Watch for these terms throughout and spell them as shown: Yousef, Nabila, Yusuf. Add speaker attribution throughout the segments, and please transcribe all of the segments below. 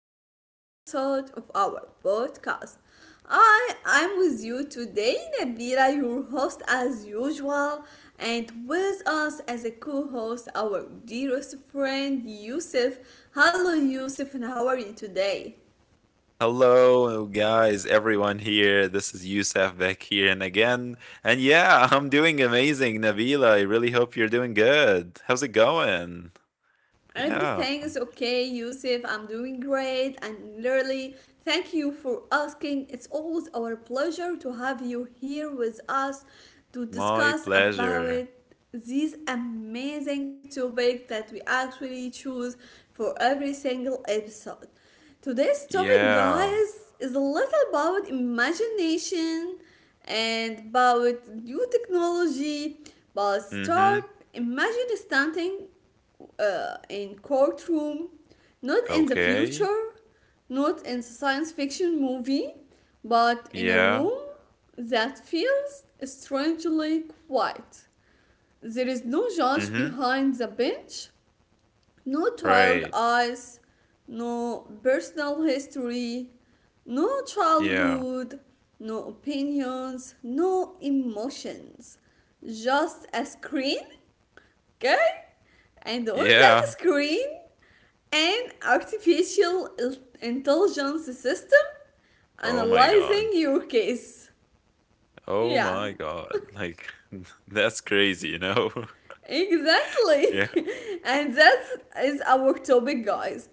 Speaker 1: to a new episode of our podcast. I am with you today, Nabila, your host as usual, and with us as a co host, our dearest friend, Yusuf. Hello, Yusuf, and how are you today?
Speaker 2: Hello, guys, everyone here. This is Yousef back here and again. And yeah, I'm doing amazing, Nabila. I really hope you're doing good. How's it going? Yeah,
Speaker 1: Everything is okay, Yusuf. I'm doing great. And Lily, thank you for asking. It's always our pleasure to have you here with us to
Speaker 2: my
Speaker 1: discuss
Speaker 2: pleasure.
Speaker 1: about this amazing topic that we actually choose for every single episode. Today's topic,
Speaker 2: Yeah.
Speaker 1: guys, is a little about imagination and about new technology. But
Speaker 2: Mm-hmm.
Speaker 1: start imagine standing in courtroom, not in the
Speaker 2: Okay.
Speaker 1: future, not in the science fiction movie, but in a
Speaker 2: Yeah.
Speaker 1: room that feels strangely quiet. There is no judge
Speaker 2: Mm-hmm.
Speaker 1: behind the bench, no tired
Speaker 2: Right.
Speaker 1: eyes, no personal history, no
Speaker 2: Yeah.
Speaker 1: childhood, no opinions, no emotions. Just a screen. Okay? And on that
Speaker 2: Yeah.
Speaker 1: screen, an artificial intelligence system
Speaker 2: Oh my
Speaker 1: analyzing
Speaker 2: God.
Speaker 1: your case.
Speaker 2: Oh
Speaker 1: Yeah,
Speaker 2: my God. That's crazy.
Speaker 1: exactly.
Speaker 2: yeah.
Speaker 1: And that is our topic, guys.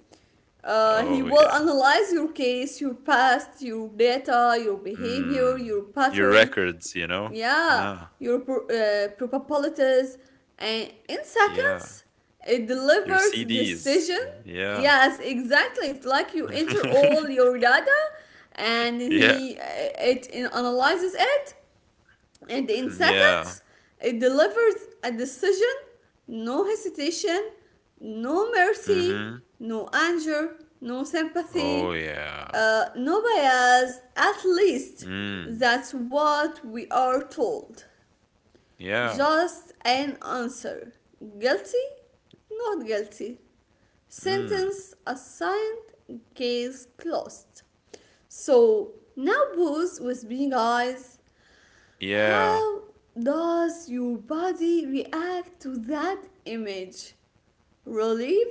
Speaker 1: He
Speaker 2: Oh,
Speaker 1: will
Speaker 2: yeah.
Speaker 1: analyze your case, your past, your data, your behavior, your
Speaker 2: Mm. Your
Speaker 1: pattern,
Speaker 2: records.
Speaker 1: yeah
Speaker 2: Yeah.
Speaker 1: your probabilities, and in
Speaker 2: Yeah,
Speaker 1: seconds it
Speaker 2: your
Speaker 1: delivers
Speaker 2: CDs.
Speaker 1: decision.
Speaker 2: Yeah.
Speaker 1: Yes, exactly, it's like you enter all your data and
Speaker 2: Yeah.
Speaker 1: he analyzes it, and in
Speaker 2: Yeah.
Speaker 1: seconds it delivers a decision. No hesitation, no mercy,
Speaker 2: Mhm.
Speaker 1: no anger, no
Speaker 2: Oh,
Speaker 1: sympathy,
Speaker 2: yeah.
Speaker 1: no bias, at least
Speaker 2: Mm.
Speaker 1: that's what we are told.
Speaker 2: Yeah.
Speaker 1: Just an answer: guilty, not guilty,
Speaker 2: Mm.
Speaker 1: sentence assigned, case closed. So now booze with being eyes,
Speaker 2: Yeah.
Speaker 1: how does your body react to that image? Relief,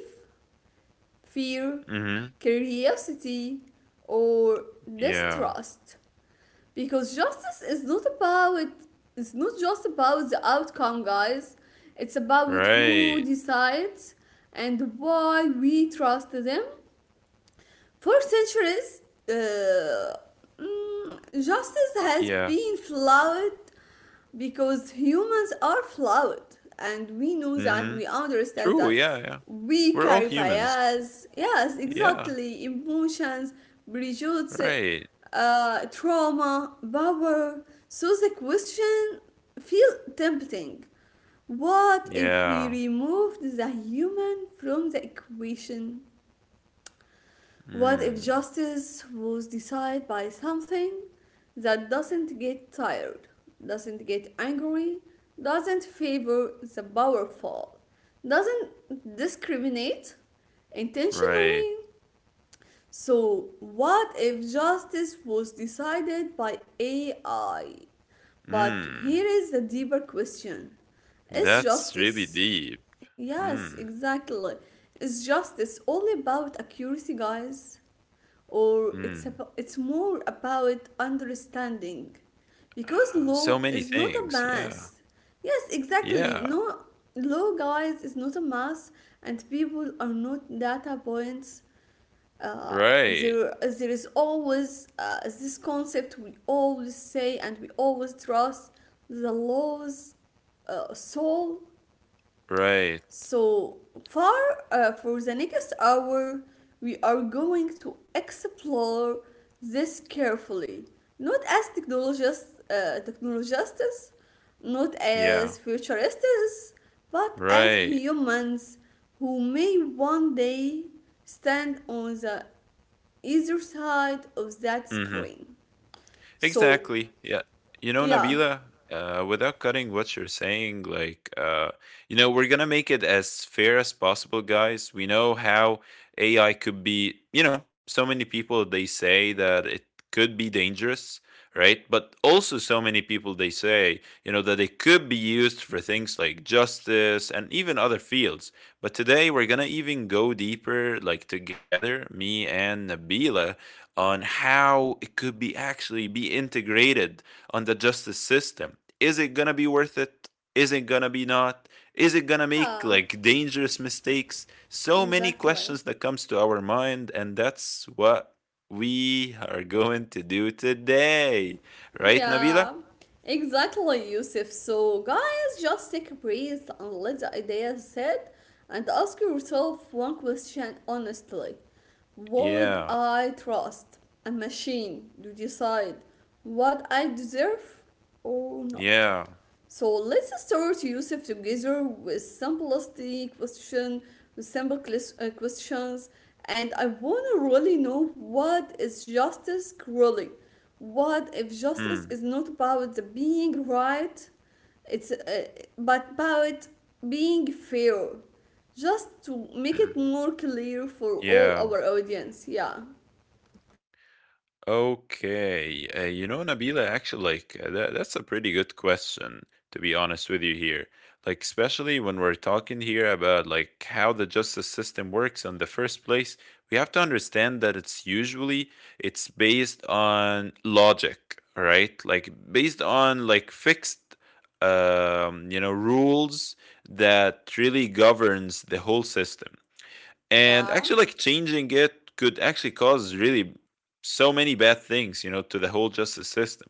Speaker 1: fear,
Speaker 2: Mhm.
Speaker 1: curiosity, or
Speaker 2: Yeah.
Speaker 1: distrust? Because justice is not just about the outcome, guys. It's about who
Speaker 2: Right.
Speaker 1: decides and why we trust them. For centuries, uh, mm, justice has
Speaker 2: Yeah.
Speaker 1: been flawed because humans are flawed, and we know that,
Speaker 2: Mhm.
Speaker 1: we understand
Speaker 2: True,
Speaker 1: that.
Speaker 2: yeah, yeah.
Speaker 1: We
Speaker 2: We're all
Speaker 1: carry
Speaker 2: humans.
Speaker 1: bias, yes
Speaker 2: Yeah.
Speaker 1: exactly, emotions, prejudice,
Speaker 2: Right.
Speaker 1: trauma, power. So the question feel tempting: what if we
Speaker 2: Yeah.
Speaker 1: removed the human from the equation? What if
Speaker 2: Mm.
Speaker 1: justice was decided by something that doesn't get tired, doesn't get angry, doesn't favor the powerful, doesn't discriminate
Speaker 2: Right.
Speaker 1: intentionally? So, what if justice was decided by AI? But here
Speaker 2: Mm.
Speaker 1: is the deeper question. Is
Speaker 2: That's really
Speaker 1: justice?
Speaker 2: deep.
Speaker 1: Yes,
Speaker 2: Mm.
Speaker 1: exactly. Is justice all about accuracy, guys? or it's
Speaker 2: Mm.
Speaker 1: about, it's more about understanding? Because
Speaker 2: Ah, so
Speaker 1: law
Speaker 2: many
Speaker 1: is not a
Speaker 2: things. Yeah.
Speaker 1: math. Yes, exactly.
Speaker 2: Yeah.
Speaker 1: No, law, guys, is not a math, and people are not data points. uh,
Speaker 2: Right.
Speaker 1: there there is always this concept we always say, and we always trust the law's soul.
Speaker 2: Right.
Speaker 1: So, for, for the next hour, we are going to explore this carefully, not as technologists, not
Speaker 2: Yeah.
Speaker 1: as futurists, but as
Speaker 2: Right.
Speaker 1: humans who may one day stand on the either side of that
Speaker 2: Mhm.
Speaker 1: screen. So,
Speaker 2: Exactly. Yeah.
Speaker 1: yeah.
Speaker 2: Nabila, without cutting what you're saying. We're going to make it as fair as possible, guys. We know how AI could be, so many people they say that it could be dangerous, right? But also, so many people they say that it could be used for things like justice and even other fields. But today, we're going to even go deeper, like, together, me and Nabila on how it could be actually be integrated on the justice system. Is it gonna be worth it? Is it gonna be not? Is it gonna make
Speaker 1: Yeah,
Speaker 2: like dangerous mistakes? So many
Speaker 1: exactly.
Speaker 2: questions that comes to our mind, and that's what we are going to do today, right, Nabila?
Speaker 1: Yeah, exactly, Yusuf. So, guys, just take a breath and let the idea sit, and ask yourself one question honestly. Would
Speaker 2: Yeah,
Speaker 1: I trust a machine to decide what I deserve or not?
Speaker 2: yeah,
Speaker 1: So let's start, Yusuf, together with simplistic question, with simple questions, and I want to really know, what is justice really? What if justice is
Speaker 2: mm.
Speaker 1: not about the being right? It's But about being fair. Just to make it more clear for all
Speaker 2: yeah.
Speaker 1: our audience, yeah.
Speaker 2: Okay, Nabila, actually, like that's a pretty good question, to be honest with you here. Like, especially when we're talking here about like how the justice system works in the first place, we have to understand that it's based on logic, right? Like based on like fixed, rules that really governs the whole system, and
Speaker 1: Yeah,
Speaker 2: actually like changing it could actually cause really so many bad things, you know, to the whole justice system.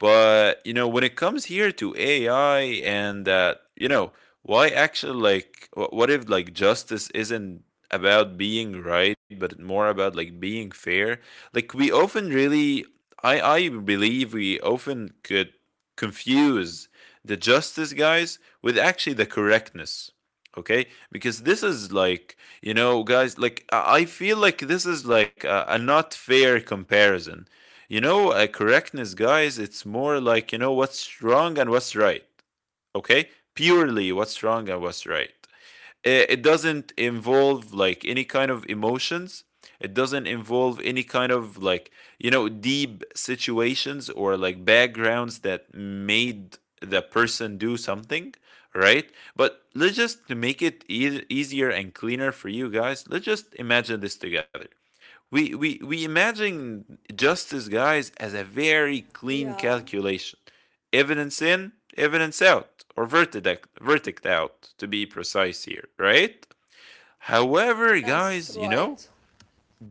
Speaker 2: But you know, when it comes here to AI and that, you know, why actually like what if like justice isn't about being right, but more about like being fair? Like we often really I believe we often could confuse the justice guys with actually the correctness. Okay? Because this is like, you know, guys, like I feel like this is like a not fair comparison, you know, correctness, guys, it's more like, you know, what's wrong and what's right. Okay? Purely what's wrong and what's right. It doesn't involve like any kind of emotions. It doesn't involve any kind of like, you know, deep situations or like backgrounds that made the person do something, right? But let's just to make it easier and cleaner for you guys, let's just imagine this together. We imagine justice, guys, as a very clean
Speaker 1: yeah,
Speaker 2: calculation. Evidence in, evidence out, or verdict, verdict out, to be precise here, right? However,
Speaker 1: yes,
Speaker 2: guys, you know,
Speaker 1: right.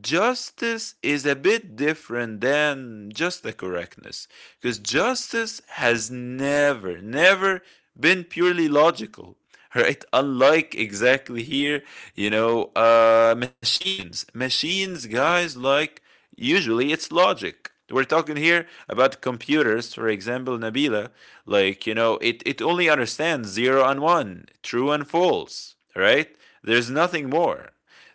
Speaker 2: justice is a bit different than just the correctness, because justice has never been purely logical. Right? Unlike exactly here, you know, machines guys, like usually it's logic. We're talking here about computers, for example, Nabila. Like, it only understands zero and one, true and false, right? There's nothing more.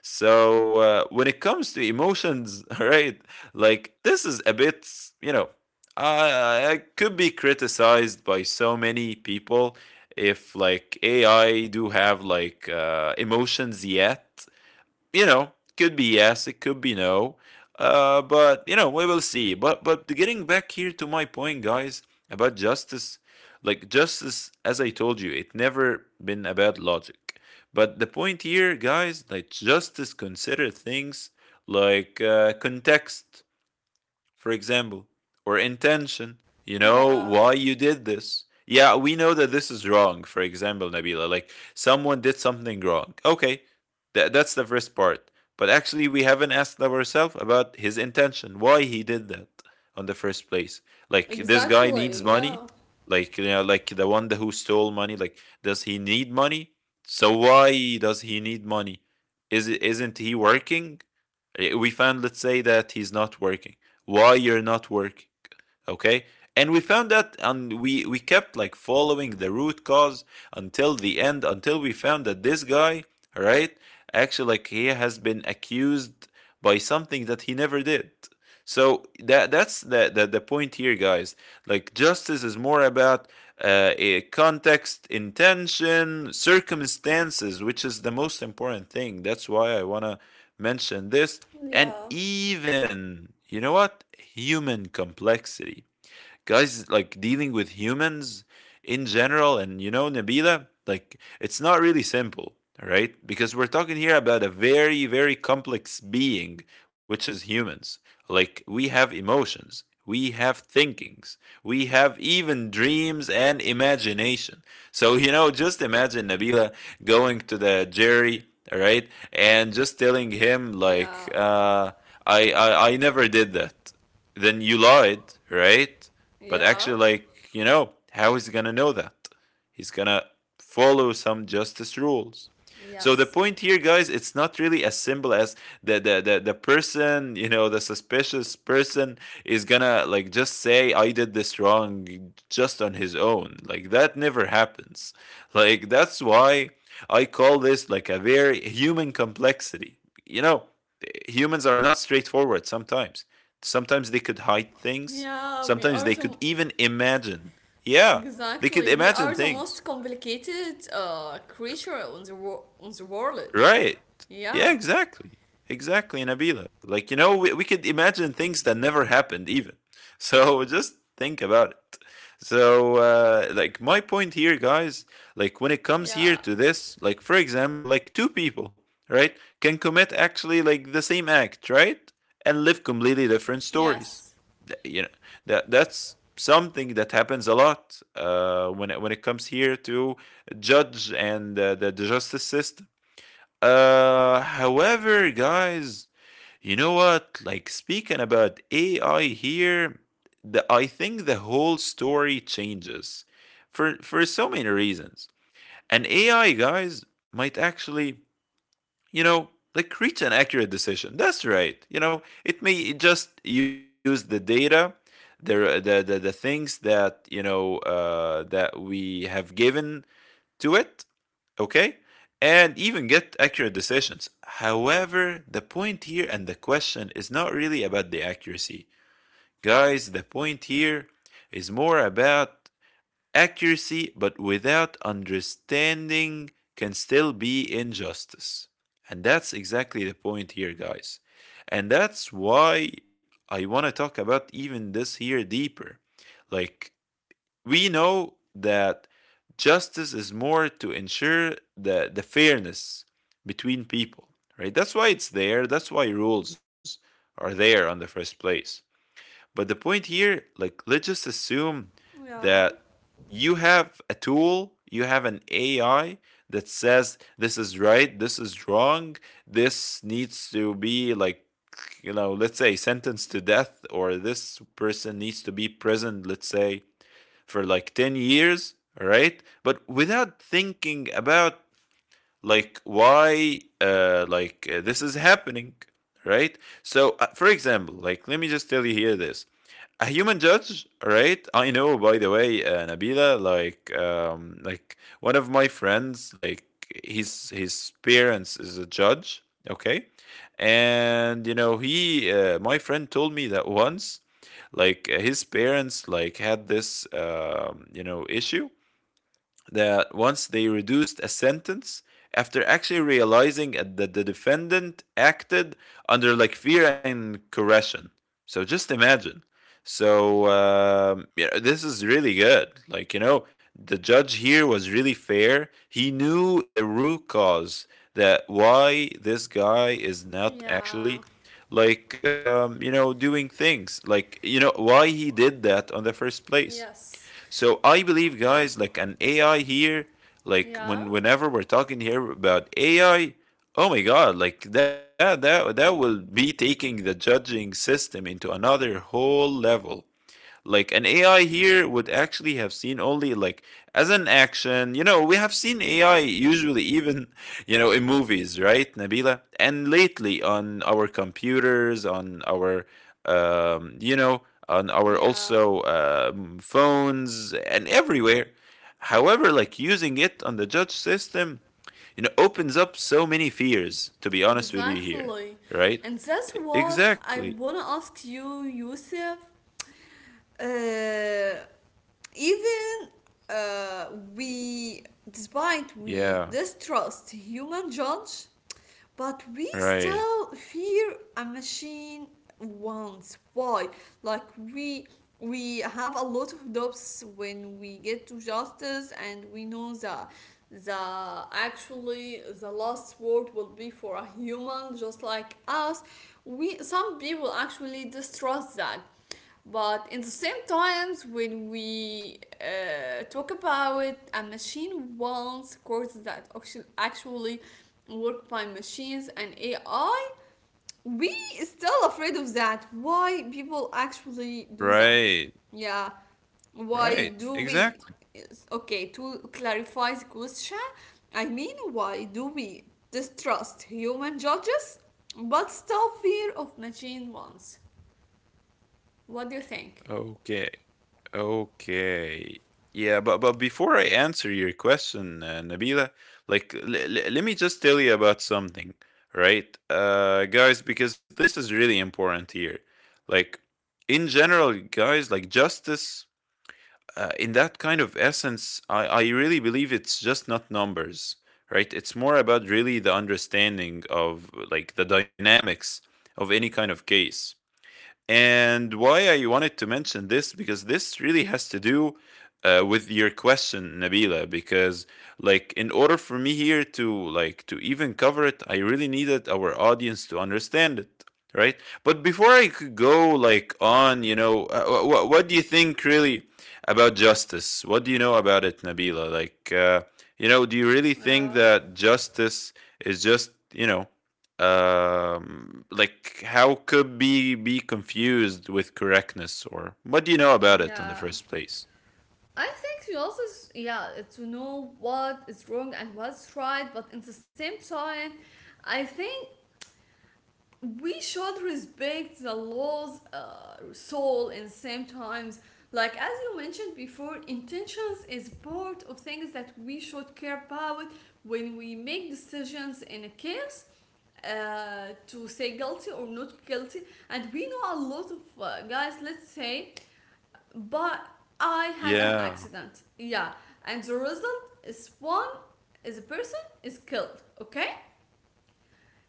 Speaker 2: So when it comes to emotions, right? Like this is a bit, you know, I could be criticized by so many people if like AI do have like emotions yet, you know, could be yes, it could be no. But you know, we will see. But getting back here to my point, guys, about justice, like justice, as I told you, it never been about logic. But the point here, guys, like justice consider things like context, for example, or intention. You know
Speaker 1: Yeah,
Speaker 2: why you did this. Yeah, we know that this is wrong, for example, Nabila. Like, someone did something wrong. Okay, that's the first part. But actually, we haven't asked ourselves about his intention, why he did that on the first place. Like, this guy needs
Speaker 1: exactly.
Speaker 2: money.
Speaker 1: Yeah,
Speaker 2: Like, you know, like the one who stole money, like, does he need money? So why does he need money? Is isn't he working? We found, let's say, that he's not working. Why you're not working? Okay, and we found that, and we kept like following the root cause until the end, until we found that this guy, right, actually, like he has been accused by something that he never did. So that's the point here, guys. Like justice is more about a context, intention, circumstances, which is the most important thing. That's why I wanna mention this, and
Speaker 1: yeah.
Speaker 2: even you know what, human complexity, guys, like dealing with humans in general. And you know, Nabila, like it's not really simple, right? Because we're talking here about a very complex being, which is humans. Like we have emotions, we have thinkings, we have even dreams and imagination. So you know, just imagine Nabila going to the Jerry, right, and just telling him like
Speaker 1: Yeah,
Speaker 2: I never did that, then you lied, right? But
Speaker 1: yeah,
Speaker 2: actually, like, you know, how is he gonna know that? He's gonna follow some justice rules. So the
Speaker 1: yes.
Speaker 2: point here, guys, it's not really as simple as the person, you know, the suspicious person is gonna like just say I did this wrong just on his own. Like that never happens. Like that's why I call this like a very human complexity. You know, humans are not straightforward sometimes. Sometimes they could hide things.
Speaker 1: Yeah, we
Speaker 2: Sometimes
Speaker 1: are
Speaker 2: they
Speaker 1: the
Speaker 2: could even imagine. Yeah, they could
Speaker 1: exactly we
Speaker 2: imagine
Speaker 1: are the most
Speaker 2: things.
Speaker 1: complicated creature on the on the world.
Speaker 2: Right. Yeah,
Speaker 1: Yeah,
Speaker 2: exactly. Exactly, Nabila. Like, you know, we could imagine things that never happened, even. So just think about it. So, like, my point here, guys, like, when it comes here
Speaker 1: yeah,
Speaker 2: to this, like, for example, like, two people, right, can commit actually, like, the same act, right? And live completely different stories.
Speaker 1: yes,
Speaker 2: You know, that that's something that happens a lot when it comes here to judge and the justice system. However, guys, you know what? Like speaking about AI here, the I think the whole story changes for so many reasons. And AI guys might actually, you know, like reach an accurate decision. That's right. You know, it may just use the data, the things that you know that we have given to it, okay? And even get accurate decisions. However, the point here and the question is not really about the accuracy. Guys, the point here is more about accuracy, but without understanding, can still be injustice. And that's exactly the point here, guys. And that's why I want to talk about even this here deeper. Like, we know that justice is more to ensure the fairness between people, right? That's why it's there. That's why rules are there on the first place. But the point here, like, let's just assume
Speaker 1: yeah,
Speaker 2: that you have a tool, you have an AI that says this is right, this is wrong, this needs to be like, you know, let's say sentenced to death, or this person needs to be imprisoned, let's say, for like 10 years, all right? But without thinking about like why this is happening, right? So for example, like let me just tell you here this: a human judge, right? I know, by the way, Nabila, like one of my friends, like his parents is a judge, okay? And you know, he my friend told me that once, like his parents like had this you know, issue that once they reduced a sentence after actually realizing that the defendant acted under like fear and coercion. So just imagine. So yeah, this is really good. Like you know, the judge here was really fair. He knew the root cause that why this guy is not
Speaker 1: yeah,
Speaker 2: actually like you know, doing things, like you know why he did that on the first place.
Speaker 1: yes,
Speaker 2: So I believe, guys, like an AI here, like
Speaker 1: yeah,
Speaker 2: when whenever we're talking here about AI, oh my god, like that will be taking the judging system into another whole level. Like an AI here would actually have seen only like as an action. You know, we have seen AI usually even, you know, in movies, right, Nabila? And lately on our computers, on our um, you know, on our
Speaker 1: yeah.
Speaker 2: also phones and everywhere. However, like using it on the judge system, you know, opens up so many fears, to be honest with you here,
Speaker 1: Exactly.
Speaker 2: right?
Speaker 1: And that's what I
Speaker 2: Exactly.
Speaker 1: want to ask you, Yusuf. Uh, Even, uh, we, despite we
Speaker 2: Yeah,
Speaker 1: distrust human judge, but we
Speaker 2: right,
Speaker 1: still fear a machine once. Why? Like we have a lot of doubts when we get to justice, and we know that the actually the last word will be for a human just like us. We, some people actually distrust that, but in the same times when we talk about a machine wants courts that actually work by machines and AI, we still afraid of that. Why people actually do that?
Speaker 2: right.
Speaker 1: Yeah, why
Speaker 2: Right,
Speaker 1: do we?
Speaker 2: exactly.
Speaker 1: Yes, okay, to clarify the question, I mean, why do we distrust human judges but still fear of machine ones? What do you think?
Speaker 2: Okay, okay. Yeah, but before I answer your question, Nabila, like let me just tell you about something, right? Uh, guys, because this is really important here. Like in general, guys, like justice in that kind of essence, I really believe it's just not numbers, right? It's more about really the understanding of like the dynamics of any kind of case. And why I wanted to mention this, because this really has to do with your question, Nabila. Because like in order for me here to like to even cover it, I really needed our audience to understand it, right? But before I could go like on, what do you think really about justice? What do you know about it, Nabila? Like, do you really think
Speaker 1: Yeah,
Speaker 2: that justice is just like how could be confused with correctness, or what do you know about it in the
Speaker 1: yeah.
Speaker 2: first place?
Speaker 1: I think you also, yeah, to know what is wrong and what's right, but at the same time, I think we should respect the law's soul, and same times, like as you mentioned before, intentions is part of things that we should care about when we make decisions in a case, to say guilty or not guilty. And we know a lot of guys, let's say, but I had an
Speaker 2: Yeah,
Speaker 1: accident. Yeah, and the result is one is a person is killed. Okay,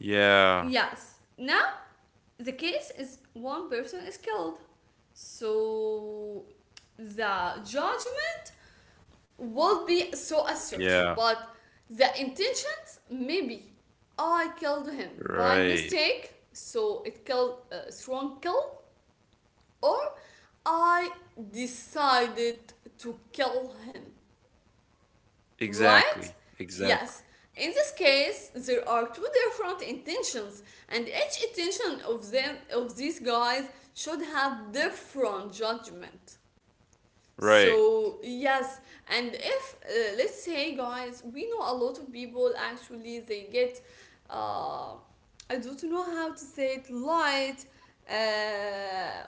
Speaker 2: yeah,
Speaker 1: yes, now the case is one person is killed. So the judgment will be so assertive,
Speaker 2: yeah.
Speaker 1: but the intentions maybe I killed him by
Speaker 2: Right,
Speaker 1: mistake, so it killed a strong kill, or I decided to kill him, right?
Speaker 2: exactly,
Speaker 1: Yes.
Speaker 2: exactly.
Speaker 1: In this case, there are two different intentions, and each intention of them of these guys should have different judgment.
Speaker 2: Right.
Speaker 1: So yes, and if, let's say, guys, we know a lot of people actually they get, uh, I don't know how to say it, light, uh,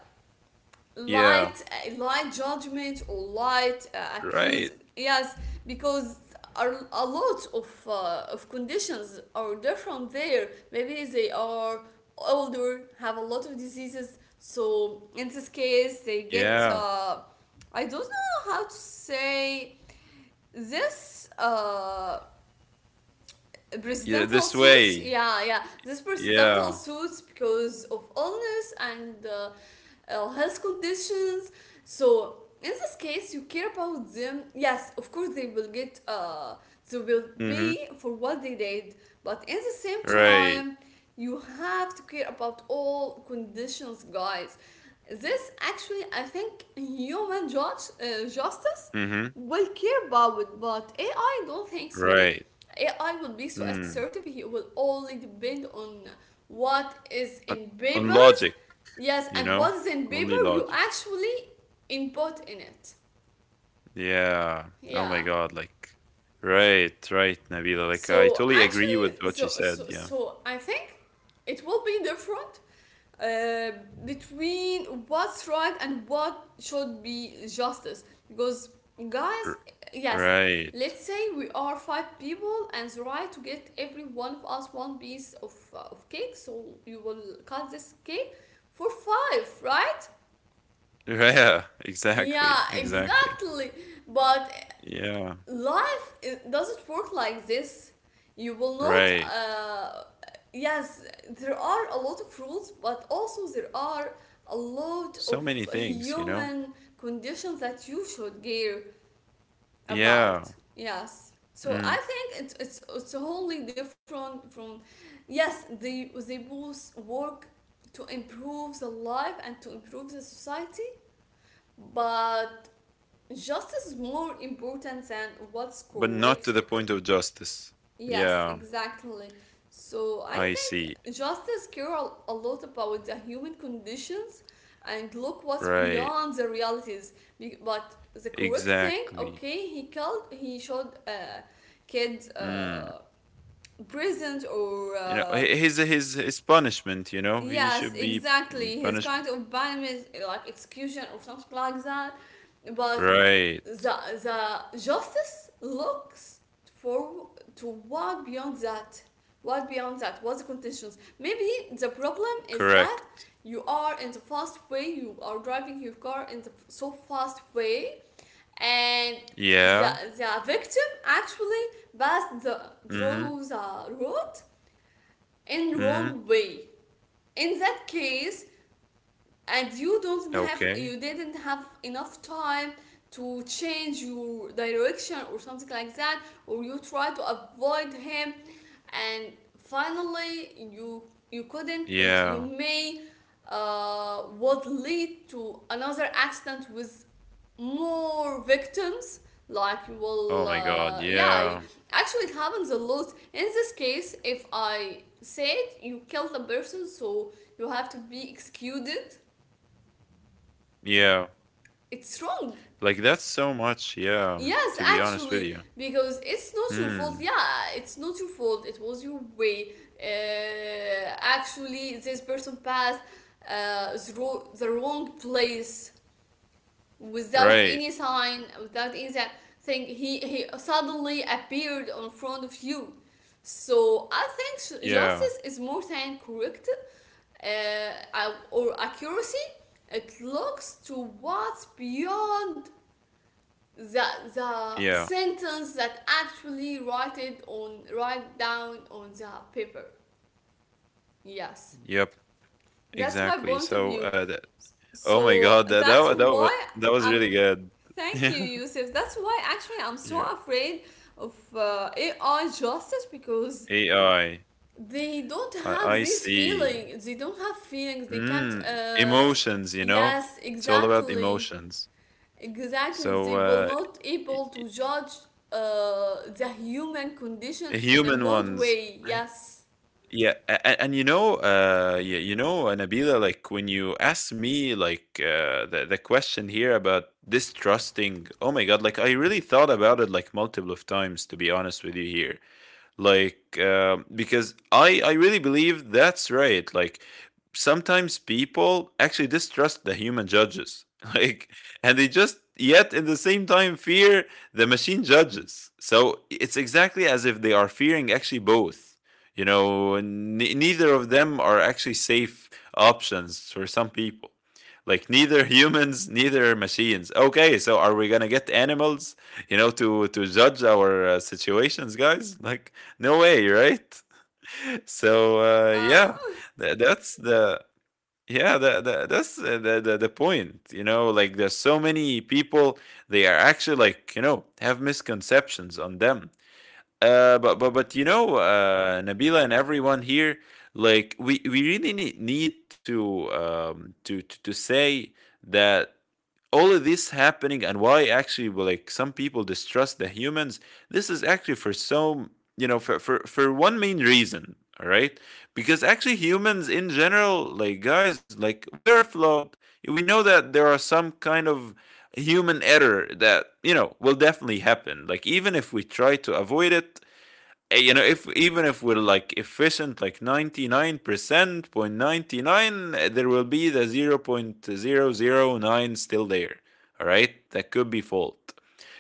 Speaker 2: Yeah.
Speaker 1: light light judgment or light accuse.
Speaker 2: Right.
Speaker 1: Yes, because are a lot of conditions are different there. Maybe they are older, have a lot of diseases, so in this case they get,
Speaker 2: Yeah,
Speaker 1: I don't know how to say this,
Speaker 2: yeah,
Speaker 1: presidential
Speaker 2: this
Speaker 1: suits,
Speaker 2: way.
Speaker 1: yeah, yeah, this presidential
Speaker 2: Yeah.
Speaker 1: suits because of illness and health conditions. So in this case you care about them. Yes, of course they will get they will
Speaker 2: Mhm.
Speaker 1: pay for what they did, but in the same
Speaker 2: Right.
Speaker 1: time, you have to care about all conditions, guys. This actually I think human judge justice
Speaker 2: Mhm.
Speaker 1: well, about it, but AI don't think so.
Speaker 2: Right.
Speaker 1: AI will be so
Speaker 2: Mm.
Speaker 1: assertive. He will only depend on what is
Speaker 2: On
Speaker 1: in
Speaker 2: on
Speaker 1: papers.
Speaker 2: logic,
Speaker 1: Yes,
Speaker 2: you
Speaker 1: and
Speaker 2: know?
Speaker 1: what is in
Speaker 2: Only
Speaker 1: paper
Speaker 2: logic.
Speaker 1: you actually input in it.
Speaker 2: Yeah. Oh my
Speaker 1: Yeah.
Speaker 2: God. Like, right, right, Nabila. Like, I
Speaker 1: So
Speaker 2: totally agree with
Speaker 1: actually,
Speaker 2: what you
Speaker 1: so
Speaker 2: said.
Speaker 1: so,
Speaker 2: Yeah.
Speaker 1: so I think it will be different, uh, between what's right and what should be justice. Because, guys,
Speaker 2: R-
Speaker 1: yes,
Speaker 2: right.
Speaker 1: let's say we are five people and it's right to get every one of us one piece of cake. So you will cut this cake for five, right?
Speaker 2: Yeah.
Speaker 1: Yeah,
Speaker 2: Exactly. Exactly.
Speaker 1: exactly. But
Speaker 2: Yeah.
Speaker 1: life, it doesn't work like this. You will not
Speaker 2: Right.
Speaker 1: yes, there are a lot of rules, but also there are a lot
Speaker 2: So
Speaker 1: of
Speaker 2: many things, you know?
Speaker 1: human conditions that you should care
Speaker 2: Yeah.
Speaker 1: about. Yes, so
Speaker 2: Mm.
Speaker 1: I think it's it's wholly different from yes, they both work to improve the life and to improve the society, but justice is more important than what's
Speaker 2: But not
Speaker 1: correct
Speaker 2: to the
Speaker 1: because
Speaker 2: point of justice.
Speaker 1: yes,
Speaker 2: Yeah.
Speaker 1: exactly. So I
Speaker 2: I see.
Speaker 1: think justice care a lot about the human conditions and look what's
Speaker 2: Right.
Speaker 1: beyond the realities. But the correct thing,
Speaker 2: Exactly.
Speaker 1: okay, he called, he showed a kids
Speaker 2: Mm.
Speaker 1: prisons or
Speaker 2: You know, his punishment. You know, he
Speaker 1: yes,
Speaker 2: should be
Speaker 1: exactly. His
Speaker 2: punished.
Speaker 1: kind of banishment, like execution or something like that. But
Speaker 2: Right.
Speaker 1: the the justice looks for to what beyond that. What beyond that? What's the conditions? Maybe the problem is that
Speaker 2: Correct.
Speaker 1: you are in the fast way. You are driving your car in the so fast way, and the
Speaker 2: Yeah.
Speaker 1: the victim actually passed the
Speaker 2: Mm-hmm.
Speaker 1: through the road in
Speaker 2: Mm-hmm.
Speaker 1: wrong way. In that case, and you don't have
Speaker 2: Okay.
Speaker 1: you didn't have enough time to change your direction or something like that, or you try to avoid him, and finally you you couldn't because you
Speaker 2: Yeah.
Speaker 1: may would lead to another accident with more victims, like you
Speaker 2: Oh
Speaker 1: will
Speaker 2: my God.
Speaker 1: yeah,
Speaker 2: Yeah.
Speaker 1: actually it happens a lot. In this case, if I said you killed a person so you have to be executed,
Speaker 2: Yeah.
Speaker 1: it's wrong.
Speaker 2: Like that's so much. Yeah.
Speaker 1: Yes,
Speaker 2: To be honest with
Speaker 1: actually,
Speaker 2: you.
Speaker 1: because it's not your fault.
Speaker 2: Hmm.
Speaker 1: Yeah, it's not your fault. It was your way. Actually, this person passed uh, the, the wrong place without
Speaker 2: Right.
Speaker 1: any sign, without any thing. He suddenly appeared in front of you. So I think
Speaker 2: Yeah.
Speaker 1: justice is more than correct or accuracy. It looks to what's beyond the the
Speaker 2: Yeah.
Speaker 1: sentence that actually write it on write down on the paper. Yes,
Speaker 2: Yep.
Speaker 1: that's my
Speaker 2: Exactly.
Speaker 1: point of
Speaker 2: So,
Speaker 1: view.
Speaker 2: that, oh my
Speaker 1: So
Speaker 2: God, that
Speaker 1: that's why
Speaker 2: that was
Speaker 1: I'm.
Speaker 2: really good.
Speaker 1: Thank you,
Speaker 2: Yeah.
Speaker 1: Yusuf. That's why actually I'm so
Speaker 2: Yeah.
Speaker 1: afraid of AI justice because
Speaker 2: AI. I
Speaker 1: they don't
Speaker 2: I
Speaker 1: have
Speaker 2: I
Speaker 1: these
Speaker 2: see.
Speaker 1: feelings. They don't have feelings, they can't
Speaker 2: Mm, emotions, you know?
Speaker 1: yes,
Speaker 2: It's all about
Speaker 1: exactly.
Speaker 2: emotions.
Speaker 1: Exactly,
Speaker 2: So,
Speaker 1: they will not able
Speaker 2: y-
Speaker 1: to judge the human condition in a
Speaker 2: human
Speaker 1: good
Speaker 2: ones.
Speaker 1: way.
Speaker 2: I-
Speaker 1: Yes.
Speaker 2: Yeah, and you know, you know, Nabila, like when you ask me, like the question here about distrusting. Oh my God, like I really thought about it like multiple of times, to be honest with you here, like because I really believe that's right. Like sometimes people actually distrust the human judges, like, and they just yet in the same time fear the machine judges, so it's exactly as if they are fearing actually both. You know, neither of them are actually safe options for some people, like neither humans neither machines. Okay, so are we gonna get animals, you know, to judge our situations, guys? Like, no way, right? So
Speaker 1: Yeah.
Speaker 2: yeah, that's the, yeah, that, that, that's the point. You know, like there's so many people, they are actually, like, you know, have misconceptions on them. Uh, but you know, Nabila and everyone here, like we really need to to say that all of this happening, and why actually. Well, like some people distrust the humans. This is actually for so, you know, for one main reason. All right, because actually humans in general, like, guys, like, we're flawed. We know that there are some kind of human error that, you know, will definitely happen. Like even if we try to avoid it, you know, if even if we're like efficient, like 99%, 0.99, there will be the 0.009 still there. All right, that could be fault.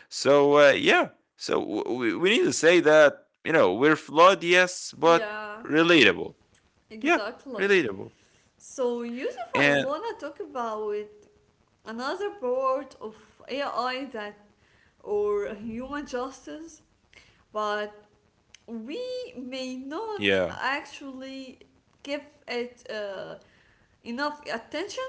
Speaker 2: So yeah, so we need to say that, you know, we're flawed, yes, but
Speaker 1: Yeah.
Speaker 2: relatable. Yeah,
Speaker 1: Exactly.
Speaker 2: relatable.
Speaker 1: So, Yusuf, I
Speaker 2: And
Speaker 1: wanna talk about another part of AI that or human justice, but we may not
Speaker 2: yeah,
Speaker 1: actually give it enough attention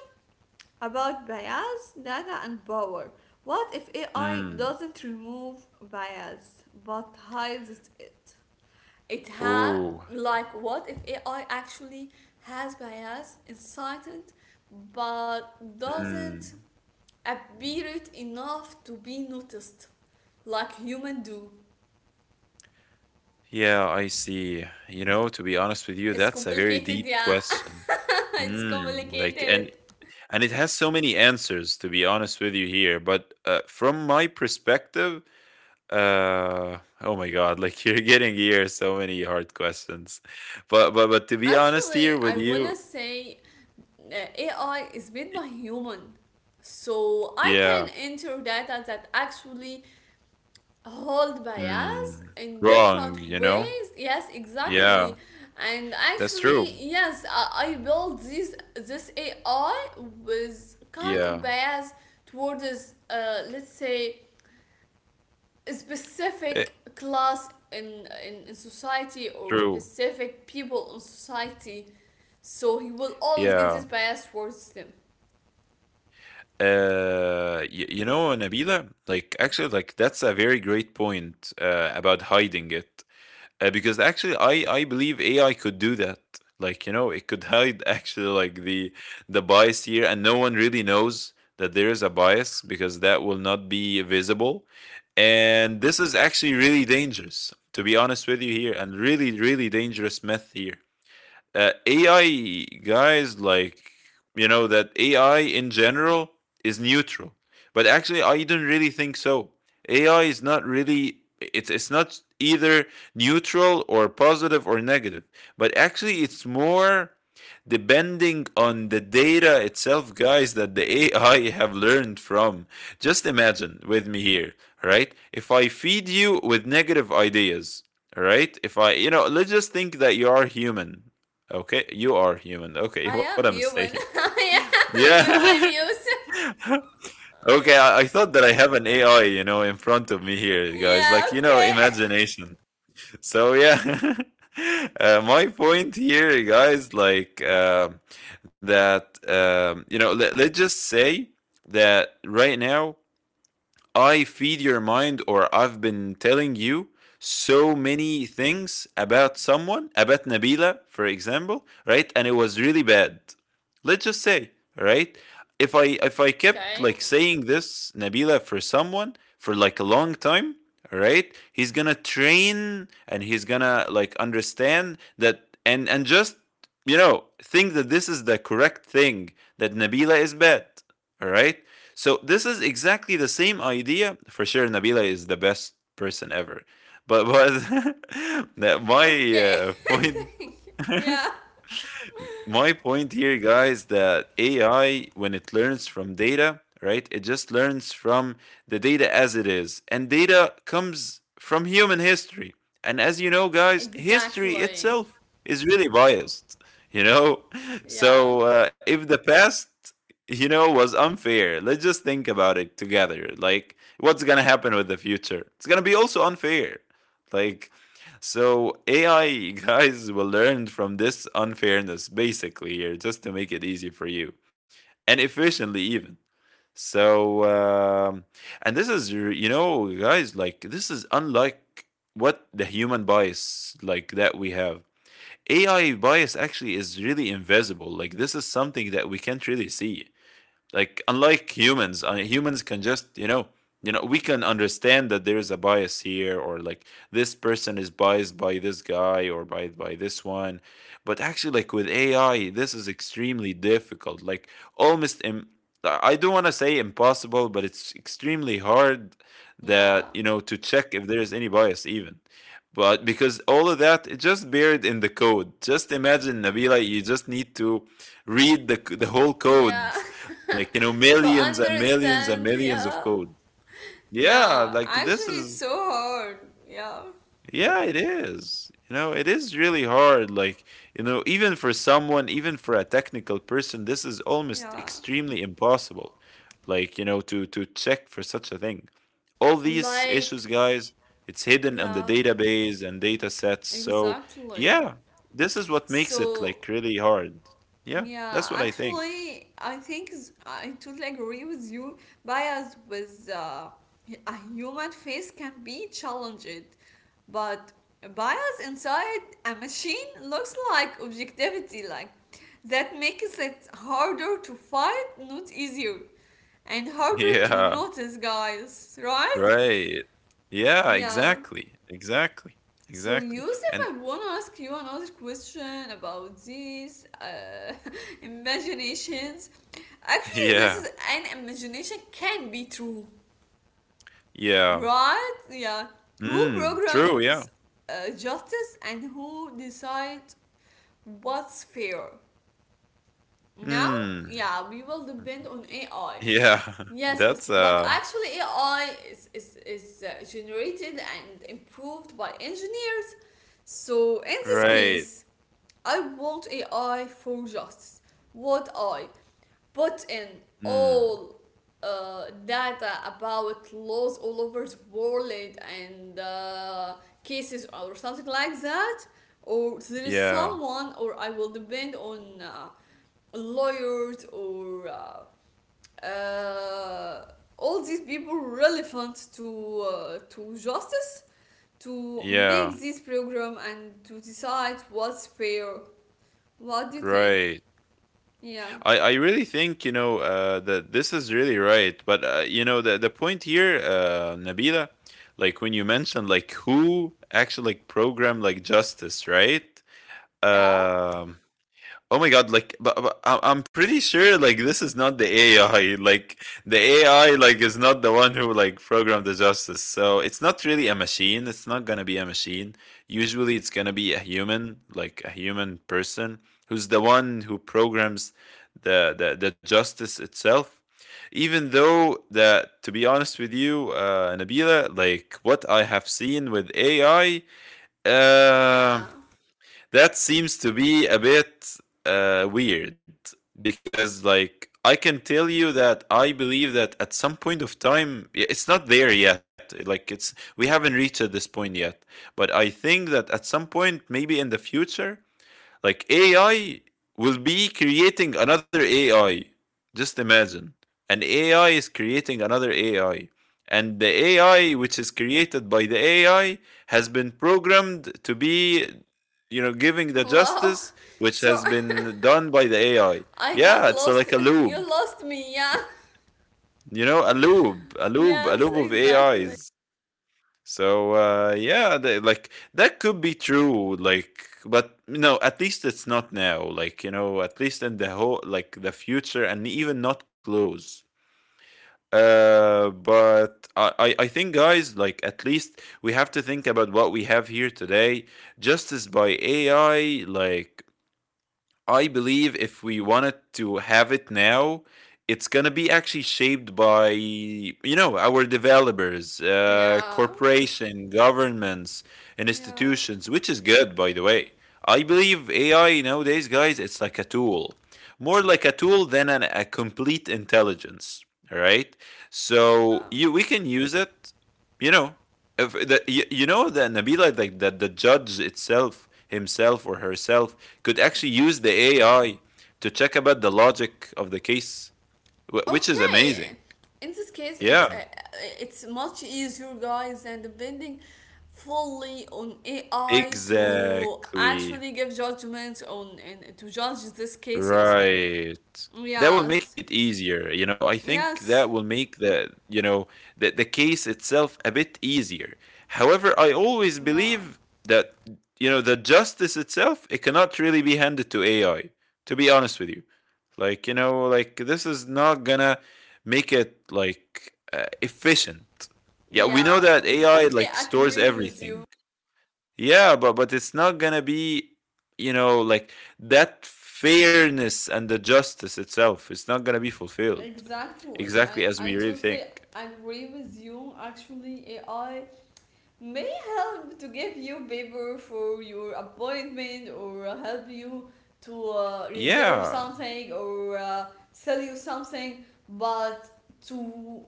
Speaker 1: about bias, data, and power. What if AI
Speaker 2: mm,
Speaker 1: doesn't remove bias but hides it? It had,
Speaker 2: oh,
Speaker 1: like, what if AI actually has bias inside it but doesn't
Speaker 2: mm,
Speaker 1: appear it enough to be noticed like human do.
Speaker 2: yeah, I see. You know, to be honest with you,
Speaker 1: It's
Speaker 2: that's a very
Speaker 1: complicated, yeah.
Speaker 2: deep question.
Speaker 1: It's
Speaker 2: Mm, like,
Speaker 1: complicated.
Speaker 2: and. And it has so many answers, to be honest with you here, but from my perspective, oh my god, like you're getting here so many hard questions, but but to be honest
Speaker 1: Actually,
Speaker 2: here with
Speaker 1: I wanna
Speaker 2: you.
Speaker 1: say AI is made
Speaker 2: y-
Speaker 1: by human, so I can
Speaker 2: yeah.
Speaker 1: enter data that actually hold bias
Speaker 2: Mm,
Speaker 1: in
Speaker 2: wrong,
Speaker 1: different
Speaker 2: you know?
Speaker 1: ways. Yes, exactly,
Speaker 2: Yeah,
Speaker 1: and
Speaker 2: that's
Speaker 1: actually,
Speaker 2: true.
Speaker 1: yes, I built this AI with kind of
Speaker 2: Yeah,
Speaker 1: bias towards, let's say, a specific
Speaker 2: it,
Speaker 1: class in society or
Speaker 2: true,
Speaker 1: specific people in society, so he will always get
Speaker 2: yeah.
Speaker 1: this bias towards them.
Speaker 2: You know, Nabila, like actually, like, that's a very great point about hiding it. Uh, because actually I believe AI could do that. Like, you know, it could hide actually like the bias here, and no one really knows that there is a bias, because that will not be visible. And this is actually really dangerous, to be honest with you here, and really really dangerous myth here. Uh, AI, guys, like, you know that AI in general is neutral, but actually I don't really think so. AI is not really, it's not either neutral or positive or negative, but actually it's more depending on the data itself, guys, that the AI have learned from. Just imagine with me here. Right, if I feed you with negative ideas, all right, if I, you know, let's just think that you are human. Okay, you are human. Okay,
Speaker 1: I
Speaker 2: what I'm
Speaker 1: am
Speaker 2: saying?
Speaker 1: human. I am
Speaker 2: Yeah.
Speaker 1: human, Yusuf.
Speaker 2: Okay, I thought that I have an AI, you know, in front of me here, guys.
Speaker 1: Yeah,
Speaker 2: Like, you know,
Speaker 1: Okay,
Speaker 2: imagination. So, yeah. My point here, guys, like, that, you know, let's just say that right now I feed your mind, or I've been telling you so many things about someone, about Nabila, for example, right? And it was really bad, let's just say. Right, if I
Speaker 1: okay,
Speaker 2: kept like saying this Nabila for someone for like a long time, right, he's gonna train, and he's gonna like understand that, and just, you know, think that this is the correct thing, that Nabila is bad. All right, so this is exactly the same idea. For sure, Nabila is the best person ever, but that my
Speaker 1: okay.
Speaker 2: point
Speaker 1: Yeah,
Speaker 2: my point here, guys, that AI, when it learns from data, right, it just learns from the data as it is. And data comes from human history. And as you know, guys, history
Speaker 1: exactly.
Speaker 2: itself is really biased, you know?
Speaker 1: Yeah,
Speaker 2: So if the past, you know, was unfair, let's just think about it together. Like, what's going to happen with the future? It's going to be also unfair. Like, so AI guys will learn from this unfairness, basically, here, just to make it easy for you, and efficiently, even. So and this is, you know, guys, like, this is unlike what the human bias like that we have. AI bias actually is really invisible. Like, this is something that we can't really see. Like unlike humans, humans can just, you know, you know, we can understand that there is a bias here, or like this person is biased by this guy or by this one. But actually, like, with AI this is extremely difficult. Like, almost Im- I don't want to say impossible, but it's extremely hard
Speaker 1: yeah,
Speaker 2: that, you know, to check if there is any bias even. But because all of that, it's just buried in the code. Just imagine, Nabila, you just need to read the, the whole
Speaker 1: yeah.
Speaker 2: code, like, you know,
Speaker 1: To
Speaker 2: millions and millions and
Speaker 1: understand,
Speaker 2: millions of
Speaker 1: yeah.
Speaker 2: code. Yeah,
Speaker 1: Yeah,
Speaker 2: like this
Speaker 1: actually it's
Speaker 2: is,
Speaker 1: so hard. Yeah,
Speaker 2: yeah, it is, you know, it is really hard, like, you know, even for someone, even for a technical person, this is
Speaker 1: yeah.
Speaker 2: almost extremely impossible, like, you know, to check for such a thing. All these
Speaker 1: Like,
Speaker 2: issues, guys, it's hidden
Speaker 1: yeah,
Speaker 2: on the database and data sets. So
Speaker 1: exactly.
Speaker 2: yeah, this is what makes it
Speaker 1: So,
Speaker 2: like really hard. Yeah,
Speaker 1: yeah,
Speaker 2: that's what I think.
Speaker 1: actually, I think I totally agree with you. Bias with a human face can be challenged, but bias inside a machine looks like objectivity, like that makes it harder to fight, not easier, and harder to
Speaker 2: Yeah.
Speaker 1: notice, guys, right?
Speaker 2: Right. Yeah,
Speaker 1: Yeah.
Speaker 2: exactly. Exactly.
Speaker 1: So,
Speaker 2: Exactly.
Speaker 1: Yusuf,
Speaker 2: And
Speaker 1: I want to ask you another question about these imaginations. Actually, this
Speaker 2: yeah.
Speaker 1: is an imagination can be true,
Speaker 2: Yeah.
Speaker 1: right? Yeah. Who
Speaker 2: Mm, true, yeah.
Speaker 1: programs justice and who decides what's fair? Now,
Speaker 2: Mm.
Speaker 1: yeah, we will depend on AI.
Speaker 2: Yeah.
Speaker 1: Yes, but
Speaker 2: That's
Speaker 1: but actually AI is generated and improved by engineers. So in this
Speaker 2: right.
Speaker 1: case, I want a eye for justice. What I put in
Speaker 2: Mm.
Speaker 1: all data about laws all over the world and cases or something like that? Or there is
Speaker 2: Yeah.
Speaker 1: someone, or I will depend on lawyers or uh, all these people relevant to justice to
Speaker 2: Yeah.
Speaker 1: make this program and to decide what's fair, what do you think?
Speaker 2: Right.
Speaker 1: Yeah.
Speaker 2: I really think, you know, that this is really right, but you know, the point here, Nabila, like when you mentioned like who actually like program like justice, right?
Speaker 1: Yeah?
Speaker 2: Um, oh my god! Like, but, I'm pretty sure like this is not the AI. Like the AI, like, is not the one who like programmed the justice. So it's not really a machine. It's not gonna be a machine. Usually, it's gonna be a human, like a human person, who's the one who programs the the justice itself. Even though that, to be honest with you, Nabila, like what I have seen with AI, uh,
Speaker 1: Yeah.
Speaker 2: that seems to be a bit weird, because like I can tell you that I believe that at some point of time, it's not there yet. Like, it's, we haven't reached at this point yet, but I think that at some point, maybe in the future, like AI will be creating another AI. Just imagine. An AI is creating another AI. And the AI which is created by the AI has been programmed to be, you know, giving the
Speaker 1: Wow.
Speaker 2: justice which
Speaker 1: So,
Speaker 2: has been done by the AI.
Speaker 1: I
Speaker 2: Yeah,
Speaker 1: got
Speaker 2: it's
Speaker 1: lost.
Speaker 2: like a
Speaker 1: You
Speaker 2: loop.
Speaker 1: lost me, yeah?
Speaker 2: You know, a loop, a loop, a
Speaker 1: Yes,
Speaker 2: loop of
Speaker 1: exactly.
Speaker 2: AIs. They, like that could be true. Like, but no, at least it's not now. Like you know, at least in the whole like the future, and even not close. But I think guys, like at least we have to think about what we have here today. Justice by AI, like I believe if we wanted to have it now, it's gonna be actually shaped by you know our developers,
Speaker 1: Yeah.
Speaker 2: corporation, governments, and
Speaker 1: Yeah.
Speaker 2: institutions, which is good by the way. I believe AI nowadays, guys, it's like a tool, more like a tool than a complete intelligence. All right, so
Speaker 1: Yeah.
Speaker 2: you we can use it, you know, if you know that Nabila like that the judge itself himself or herself could actually use the AI to check about the logic of the case, which is
Speaker 1: Okay.
Speaker 2: amazing.
Speaker 1: In this case, it's uh,
Speaker 2: Yeah,
Speaker 1: uh, it's much easier, guys, than depending fully on AI to
Speaker 2: exactly.
Speaker 1: actually give judgments on and to judge these cases.
Speaker 2: Right. That will make
Speaker 1: Yes.
Speaker 2: it easier. You know, I think that will
Speaker 1: Yes.
Speaker 2: make the, you know, the case itself a bit easier. However, I always
Speaker 1: Yeah.
Speaker 2: believe that, you know, the justice itself, it cannot really be handed to AI, to be honest with you. Like, you know, like this is not gonna make it like efficient. Yeah, we know
Speaker 1: Yeah,
Speaker 2: that AI
Speaker 1: totally
Speaker 2: like stores
Speaker 1: agree with you.
Speaker 2: everything. Yeah, but it's not gonna be, you know, like that fairness and the justice itself. It's not gonna be fulfilled
Speaker 1: Exactly.
Speaker 2: exactly
Speaker 1: I,
Speaker 2: as we
Speaker 1: I
Speaker 2: really
Speaker 1: totally
Speaker 2: think.
Speaker 1: agree with you. Actually, AI may help to give you paper for your appointment or help you to reserve
Speaker 2: Yeah,
Speaker 1: something or sell you something, but to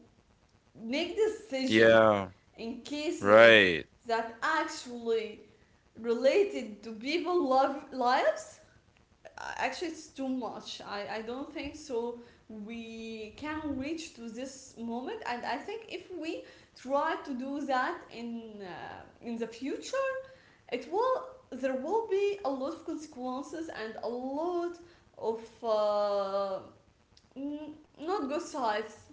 Speaker 1: make decision
Speaker 2: yeah,
Speaker 1: in cases
Speaker 2: right.
Speaker 1: that actually related to people love lives. Actually, it's too much. I don't think so we can reach to this moment, and I think if we try to do that in the future, it will, there will be a lot of consequences and a lot of n- not good sides.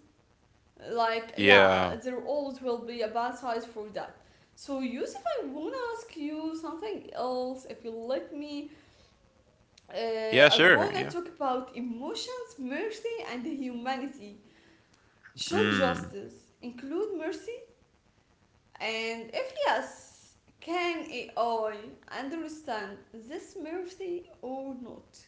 Speaker 1: Like, yeah,
Speaker 2: Yeah,
Speaker 1: there always will be a bad side for that. So, Yusuf, I want to ask you something else if you let me. uh,
Speaker 2: yeah,
Speaker 1: I
Speaker 2: sure.
Speaker 1: wanna
Speaker 2: Yeah.
Speaker 1: talk about emotions, mercy, and humanity. Should
Speaker 2: Mm,
Speaker 1: justice include mercy? And if yes, can AI understand this mercy or not?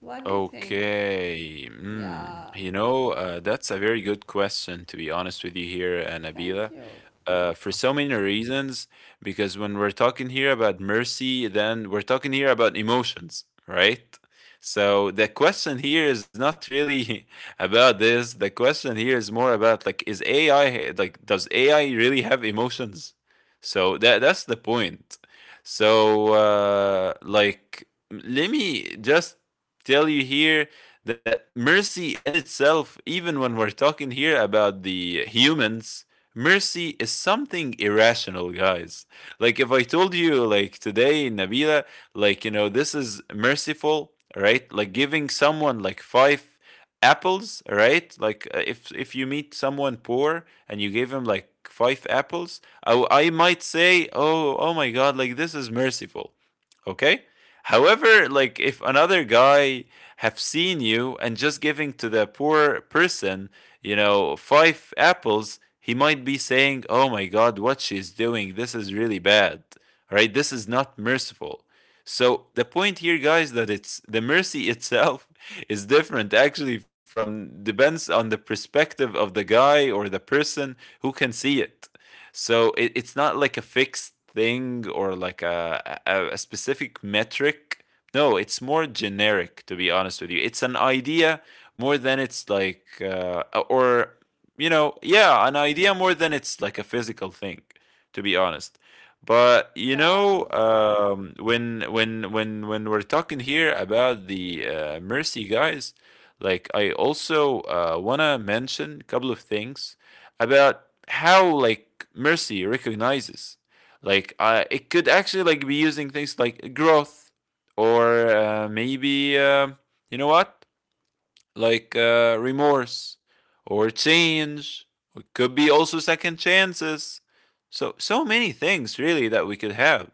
Speaker 1: What do you think?
Speaker 2: okay. Mm.
Speaker 1: Yeah,
Speaker 2: You know, that's a very good question, to be honest with you here,
Speaker 1: thank
Speaker 2: Nabila.
Speaker 1: you.
Speaker 2: For so many reasons because when we're talking here about mercy, then we're talking here about emotions, right? So the question here is not really about this. The question here is more about like, is AI like, does AI really have emotions? So that's the point. So like let me just tell you here that mercy in itself, even when we're talking here about the humans, mercy is something irrational, guys. Like if I told you, like today, Nabila, like, you know, this is merciful, right? Like giving someone like five apples, right? Like if you meet someone poor and you gave him like five apples, I might say, oh, oh my god, like this is merciful. Okay. However, like if another guy have seen you and just giving to the poor person, you know, five apples, he might be saying, oh my god, what she's doing, this is really bad, right? This is not merciful. So the point here, guys, that it's the mercy itself is different actually from depends on the perspective of the guy or the person who can see it. So it's not like a fixed thing or like a specific metric. No, it's more generic, to be honest with you. It's an idea more than it's like, or, you know, yeah, an idea more than it's like a physical thing, to be honest. But you
Speaker 1: Yeah,
Speaker 2: know, when we're talking here about the mercy, guys, like I also wanna mention a couple of things about how like mercy recognizes, like it could actually like be using things like growth, or maybe you know what, like remorse or change, or it could be also second chances. So so many things really that we could have.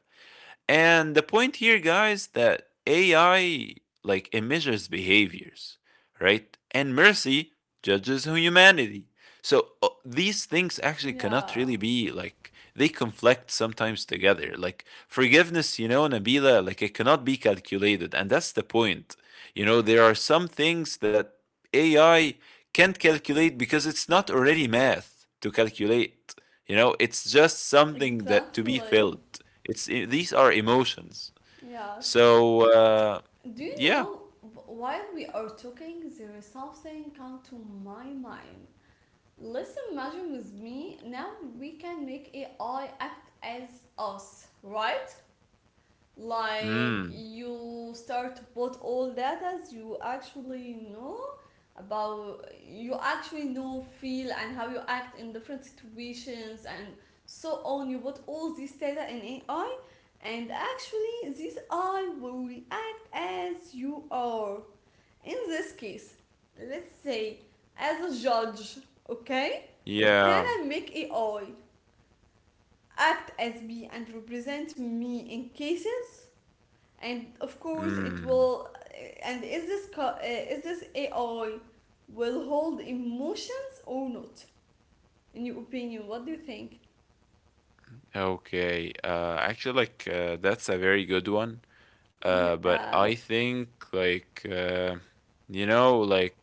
Speaker 2: And the point here, guys, that AI like it measures behaviors, right? And mercy judges humanity. So these things actually cannot really
Speaker 1: yeah,
Speaker 2: be like they conflict sometimes together. Like forgiveness, you know, Nabila, like it cannot be calculated, and that's the point. You know, there are some things that AI can't calculate because it's not already math to calculate. You know, it's just something that to be
Speaker 1: exactly.
Speaker 2: felt. It's, these are emotions.
Speaker 1: Yes.
Speaker 2: So
Speaker 1: Do you
Speaker 2: yeah,
Speaker 1: know, while we are talking, there is something come to my mind. Let's imagine with me now, we can make AI act as us, right? Like
Speaker 2: mm,
Speaker 1: you start to put all data you actually know about, you actually know, feel and how you act in different situations and so on. You put all this data in AI, and actually this AI will react as you are. In this case, let's say as a judge, okay? Can
Speaker 2: yeah.
Speaker 1: I make AI act as me and represent me in cases? And of course, it
Speaker 2: Mm.
Speaker 1: will. And is this AI will hold emotions or not? In your opinion, what do you think?
Speaker 2: Okay, actually, like that's a very good one. Uh,
Speaker 1: Yeah,
Speaker 2: but I think like you know, like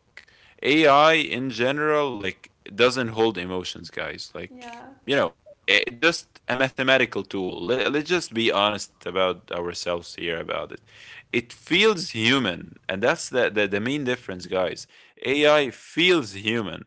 Speaker 2: AI in general, like it doesn't hold emotions, guys.
Speaker 1: yeah,
Speaker 2: Like you know, it just a mathematical tool. Let's just be honest about ourselves here about it. It feels human, and that's the main difference, guys. AI feels human.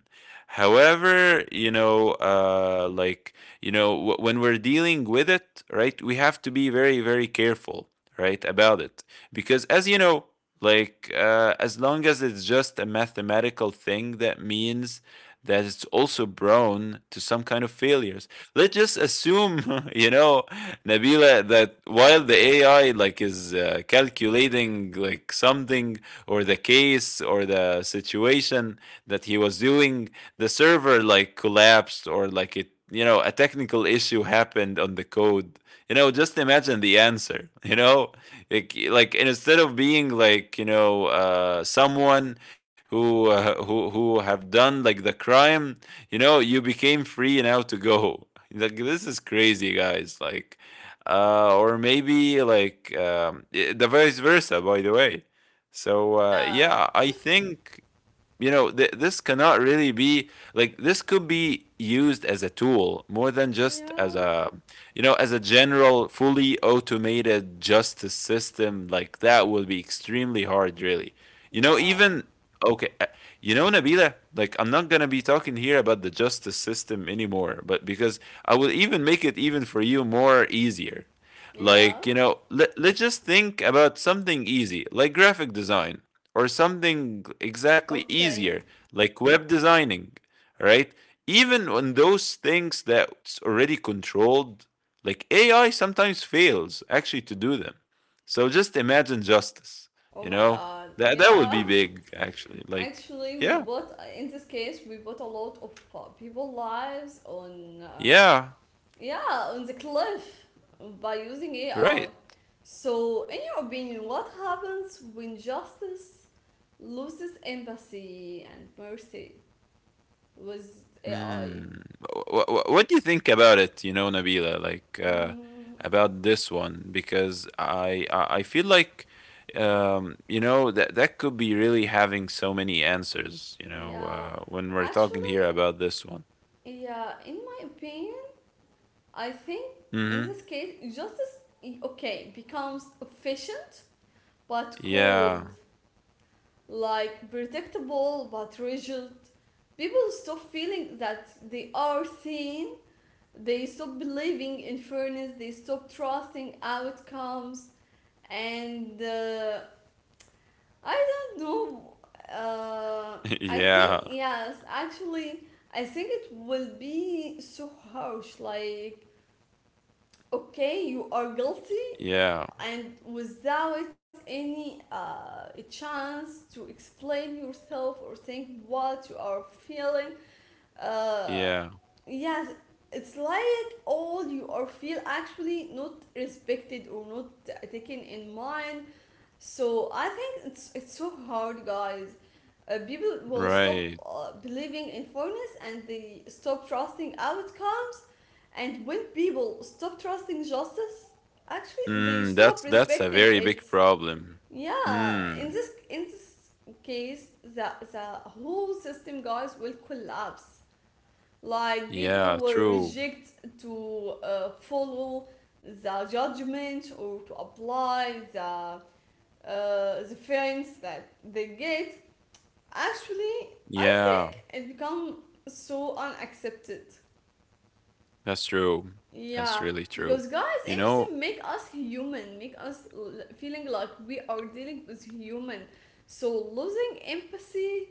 Speaker 2: However, you know, like you know when we're dealing with it, right? We have to be very very careful, right, about it. Because as you know, like as long as it's just a mathematical thing, that means that it's also prone to some kind of failures. Let's just assume, you know, Nabila, that while the AI like is calculating like something or the case or the situation that he was doing, the server like collapsed, or like it, you know, a technical issue happened on the code. You know, just imagine the answer. You know, like instead of being like, you know, someone who who have done like the crime, you know, you became free now to go. Like this is crazy, guys. Like, or maybe the vice versa. By the way, so
Speaker 1: yeah,
Speaker 2: yeah, I think you know this cannot really be like, this could be used as a tool more than just as
Speaker 1: yeah,
Speaker 2: a, you know, as a general fully automated justice system. Like that will be extremely hard really, you know,
Speaker 1: yeah,
Speaker 2: even okay, you know, Nabila, like I'm not gonna be talking here about the justice system anymore, but because I will even make it even for you more easier.
Speaker 1: yeah.
Speaker 2: Like you know, let's just think about something easy, like graphic design or something exactly
Speaker 1: Okay.
Speaker 2: easier, like web designing, right? Even on those things that's already controlled, like AI sometimes fails actually to do them. So just imagine justice,
Speaker 1: Oh
Speaker 2: you
Speaker 1: my
Speaker 2: know?
Speaker 1: god.
Speaker 2: That that would be
Speaker 1: Yeah.
Speaker 2: big actually. Like
Speaker 1: Actually, we
Speaker 2: yeah.
Speaker 1: bought, in this case we bought a lot of people lives on.
Speaker 2: Yeah,
Speaker 1: Yeah, on the cliff by using
Speaker 2: right.
Speaker 1: AI. So, in your opinion, what happens when justice loses empathy and mercy with AI?
Speaker 2: Mm. What do you think about it, you know, Nabila, like
Speaker 1: Mm,
Speaker 2: about this one? Because I feel like, you know, that that could be really having so many answers, you know,
Speaker 1: yeah,
Speaker 2: when we're talking here
Speaker 1: actually,
Speaker 2: about this one.
Speaker 1: yeah, in my opinion, I think in
Speaker 2: Mm-hmm.
Speaker 1: this case, justice, okay, becomes efficient but cold,
Speaker 2: Yeah.
Speaker 1: like predictable but rigid. People stop feeling that they are seen. They stop believing in fairness, they stop trusting outcomes, and I don't know. Uh, I
Speaker 2: Yeah.
Speaker 1: think, yes, actually, I think it will be so harsh. Like, okay, you are guilty,
Speaker 2: Yeah.
Speaker 1: and without any chance to explain yourself or think what you are feeling. uh,
Speaker 2: Yeah.
Speaker 1: yes, it's like all you or feel actually not respected or not taken in mind. So I think it's so hard, guys. People will stop
Speaker 2: Right.
Speaker 1: believing in fairness, and they stop trusting outcomes. And when people stop trusting justice, actually they
Speaker 2: Mm,
Speaker 1: stop
Speaker 2: that's a
Speaker 1: respecting
Speaker 2: very
Speaker 1: it.
Speaker 2: big problem.
Speaker 1: Yeah, in
Speaker 2: Mm.
Speaker 1: this, case the whole system, guys, will collapse, like
Speaker 2: Yeah,
Speaker 1: people were
Speaker 2: true.
Speaker 1: reject to follow the judgment or to apply the feelings that they get. Actually, I
Speaker 2: Yeah.
Speaker 1: think it become so unaccepted.
Speaker 2: That's true. That's
Speaker 1: Yeah,
Speaker 2: really true.
Speaker 1: because, guys,
Speaker 2: You
Speaker 1: empathy
Speaker 2: know,
Speaker 1: make us human, make us feeling like we are dealing with human. So losing empathy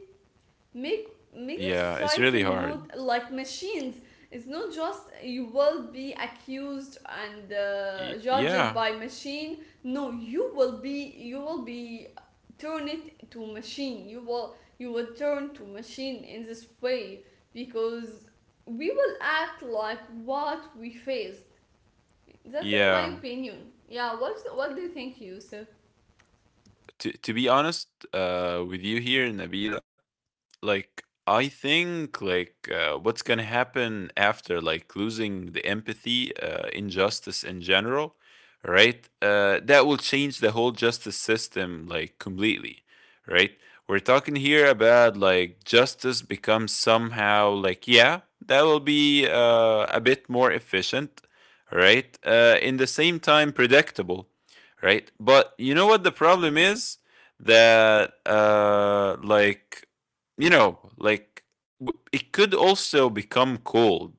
Speaker 1: make makes the
Speaker 2: yeah, it's
Speaker 1: society
Speaker 2: really
Speaker 1: move
Speaker 2: hard.
Speaker 1: like machines. It's not just you will be accused and
Speaker 2: Y-
Speaker 1: judged
Speaker 2: yeah,
Speaker 1: by machine. No, you will be turn it to machine. You will turn to machine in this way because we will act like what we faced. That's in my
Speaker 2: yeah.
Speaker 1: opinion. Yeah. What do you think, Yusuf?
Speaker 2: To be honest, with you here, Nabila, like I think like what's gonna happen after like losing the empathy injustice in general, right? That will change the whole justice system like completely, right? We're talking here about like justice becomes somehow like, yeah, that will be a bit more efficient, right? In the same time predictable, right? But you know what the problem is, that you know, like it could also become cold.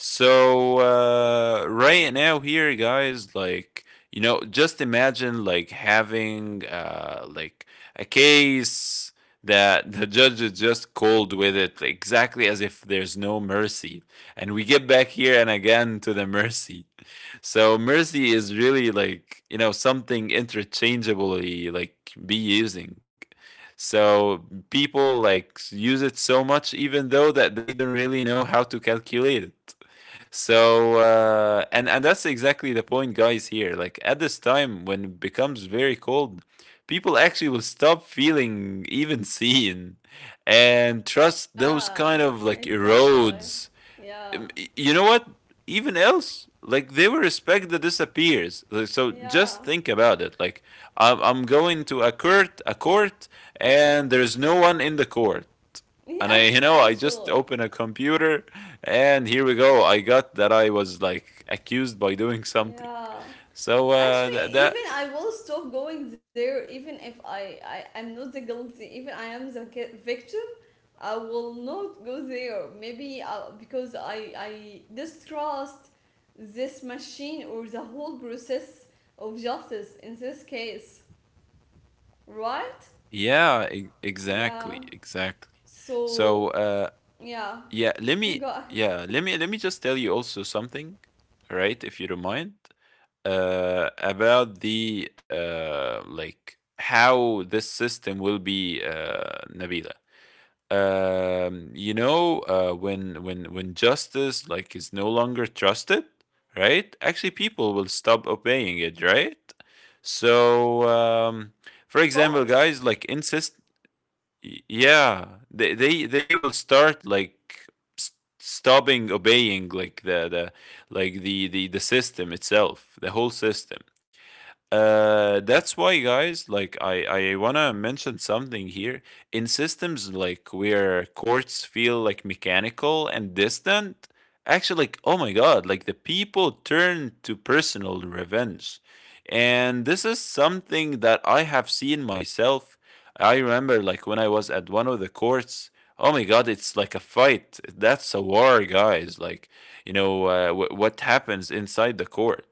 Speaker 2: So right now here, guys, like you know, just imagine like having like a case that the judge is just cold with it, exactly as if there's no mercy, and we get back here and again to the mercy. So mercy is really like, you know, something interchangeably like be using. So people like use it so much, even though that they don't really know how to calculate it. And that's exactly the point, guys. Here, like at this time when it becomes very cold, people actually will stop feeling even seen, and trust those
Speaker 1: Yeah.
Speaker 2: kind of like
Speaker 1: Exactly.
Speaker 2: erodes.
Speaker 1: Yeah.
Speaker 2: You know what? Even else, like they will respect the disappears. Like, so
Speaker 1: Yeah.
Speaker 2: just think about it. Like I'm going to a court, and there's no one in the court. And I, you
Speaker 1: Yes,
Speaker 2: know, I just
Speaker 1: actually.
Speaker 2: open a computer, and here we go. I got that I was like accused by doing something.
Speaker 1: Yeah.
Speaker 2: So uh,
Speaker 1: Actually,
Speaker 2: that,
Speaker 1: even
Speaker 2: that
Speaker 1: I will stop going there even if I am not the guilty, even I am the victim, I will not go there. Maybe because I distrust this machine or the whole process of justice in this case, right?
Speaker 2: yeah,
Speaker 1: Yeah.
Speaker 2: exactly, exactly.
Speaker 1: So,
Speaker 2: So
Speaker 1: yeah.
Speaker 2: yeah, let
Speaker 1: Go
Speaker 2: me
Speaker 1: ahead.
Speaker 2: let me just tell you also something, all right, if you don't mind. About the like how this system will be Nabila. You know, when justice like is no longer trusted, right? Actually, people will stop obeying it, right? So, for
Speaker 1: Of
Speaker 2: example,
Speaker 1: course.
Speaker 2: guys, like insist, yeah, they will start like s- stopping obeying like the system itself, the whole system. That's why, guys, like I wanna mention something here. In systems like where courts feel like mechanical and distant, actually like, oh my god, like the people turn to personal revenge. And this is something that I have seen myself. I remember like when I was at one of the courts, oh my god, it's like a fight. That's a war, guys. What happens inside the court,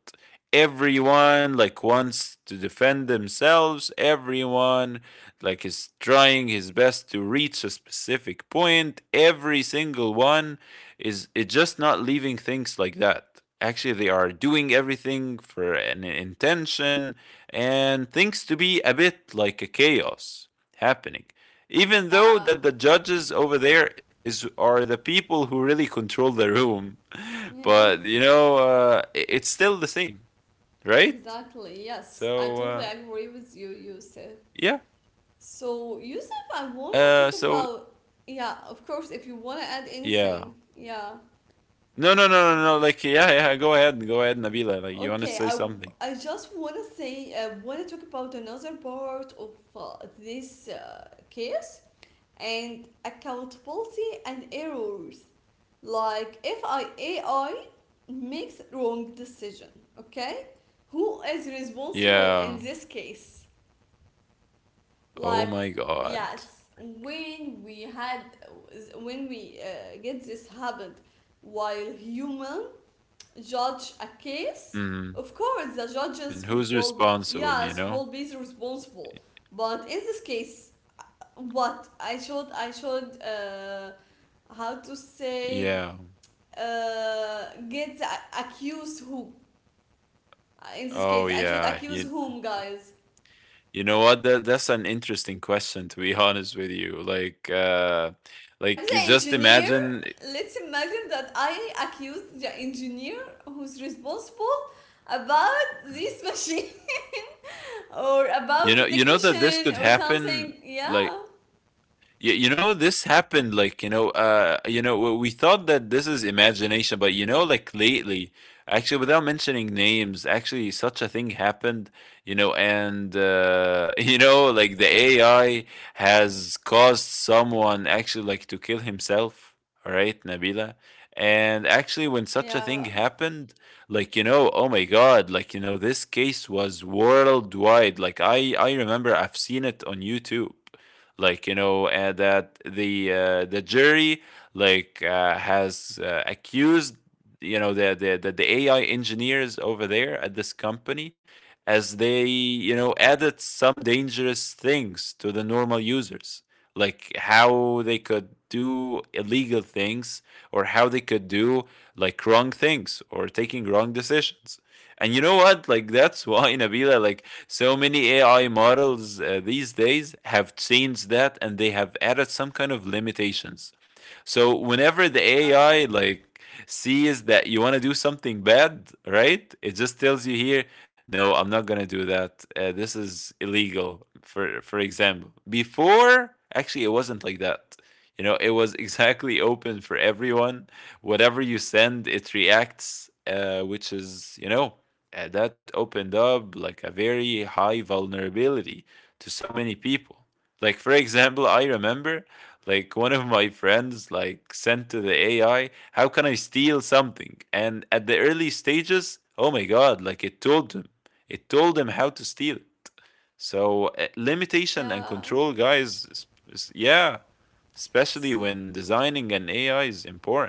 Speaker 2: everyone like wants to defend themselves, everyone like is trying his best to reach a specific point, every single one is, it's just not leaving things like that. Actually they are doing everything for an intention and things to be a bit like a chaos happening, even though
Speaker 1: Yeah.
Speaker 2: that the judges over there is are the people who really control the room
Speaker 1: Yeah.
Speaker 2: but you know, it's still the same, right?
Speaker 1: Exactly. Yes, I
Speaker 2: So
Speaker 1: totally
Speaker 2: uh,
Speaker 1: agree with you, Yusuf.
Speaker 2: yeah,
Speaker 1: So, Yusuf, I wanna
Speaker 2: uh,
Speaker 1: talk
Speaker 2: so
Speaker 1: about. Yeah, of course. If you wanna add
Speaker 2: yeah,
Speaker 1: anything, yeah.
Speaker 2: no, like, yeah, yeah, go ahead, Nabila, like you want to
Speaker 1: Okay, I
Speaker 2: say something?
Speaker 1: I just wanna say, I wanna talk about another part of this case and accountability and errors. Like, if I AI makes wrong decision, okay, who is responsible in
Speaker 2: Yeah.
Speaker 1: this case?
Speaker 2: Oh
Speaker 1: Like,
Speaker 2: my God.
Speaker 1: yes, when we get this habit while human judge a case,
Speaker 2: Mm.
Speaker 1: of course the judges
Speaker 2: And who's
Speaker 1: will,
Speaker 2: responsible? You
Speaker 1: yes,
Speaker 2: know?
Speaker 1: will be responsible. But in this case, what I should, how to say,
Speaker 2: Yeah.
Speaker 1: uh, get the accused who, in this case
Speaker 2: Oh
Speaker 1: I should
Speaker 2: yeah.
Speaker 1: accuse
Speaker 2: You.
Speaker 1: whom, guys?
Speaker 2: You know what? That's an interesting question. To be honest with you,
Speaker 1: Like
Speaker 2: like
Speaker 1: the
Speaker 2: you just
Speaker 1: engineer,
Speaker 2: imagine.
Speaker 1: let's imagine that I accused the engineer who's responsible about this machine, or about the
Speaker 2: You know that this could
Speaker 1: technician or
Speaker 2: happen.
Speaker 1: something. Yeah,
Speaker 2: Like, you know this happened. Like, you know, you know we thought that this is imagination, but you know, like lately, actually, without mentioning names, actually such a thing happened, you know. And you know, like the AI has caused someone actually like to kill himself, all right, Nabila. And actually when such a thing
Speaker 1: yeah,
Speaker 2: happened, like, you know, oh my god, like, you know, this case was worldwide. Like I remember I've seen it on YouTube. Like, you know, that the jury like has accused, you know, the AI engineers over there at this company, as they, you know, added some dangerous things to the normal users, like how they could do illegal things or how they could do like wrong things or taking wrong decisions. And you know what, like that's why, Nabila, like so many AI models these days have changed that, and they have added some kind of limitations. So whenever the
Speaker 1: yeah,
Speaker 2: AI like sees that you want to do something bad, right? It just tells you, here, no, I'm not gonna do that. This is illegal. For example, before, actually it wasn't like that. You know, it was exactly open for everyone. Whatever you send, it reacts, which is, you know, that opened up like a very high vulnerability to so many people. Like, for example, I remember like one of my friends like sent to the AI, how can I steal something? And at the early stages, oh my god, like it told him. It told him how to steal it. So limitation and control,
Speaker 1: yeah.
Speaker 2: guys, yeah, especially
Speaker 1: So,
Speaker 2: when designing an AI is important.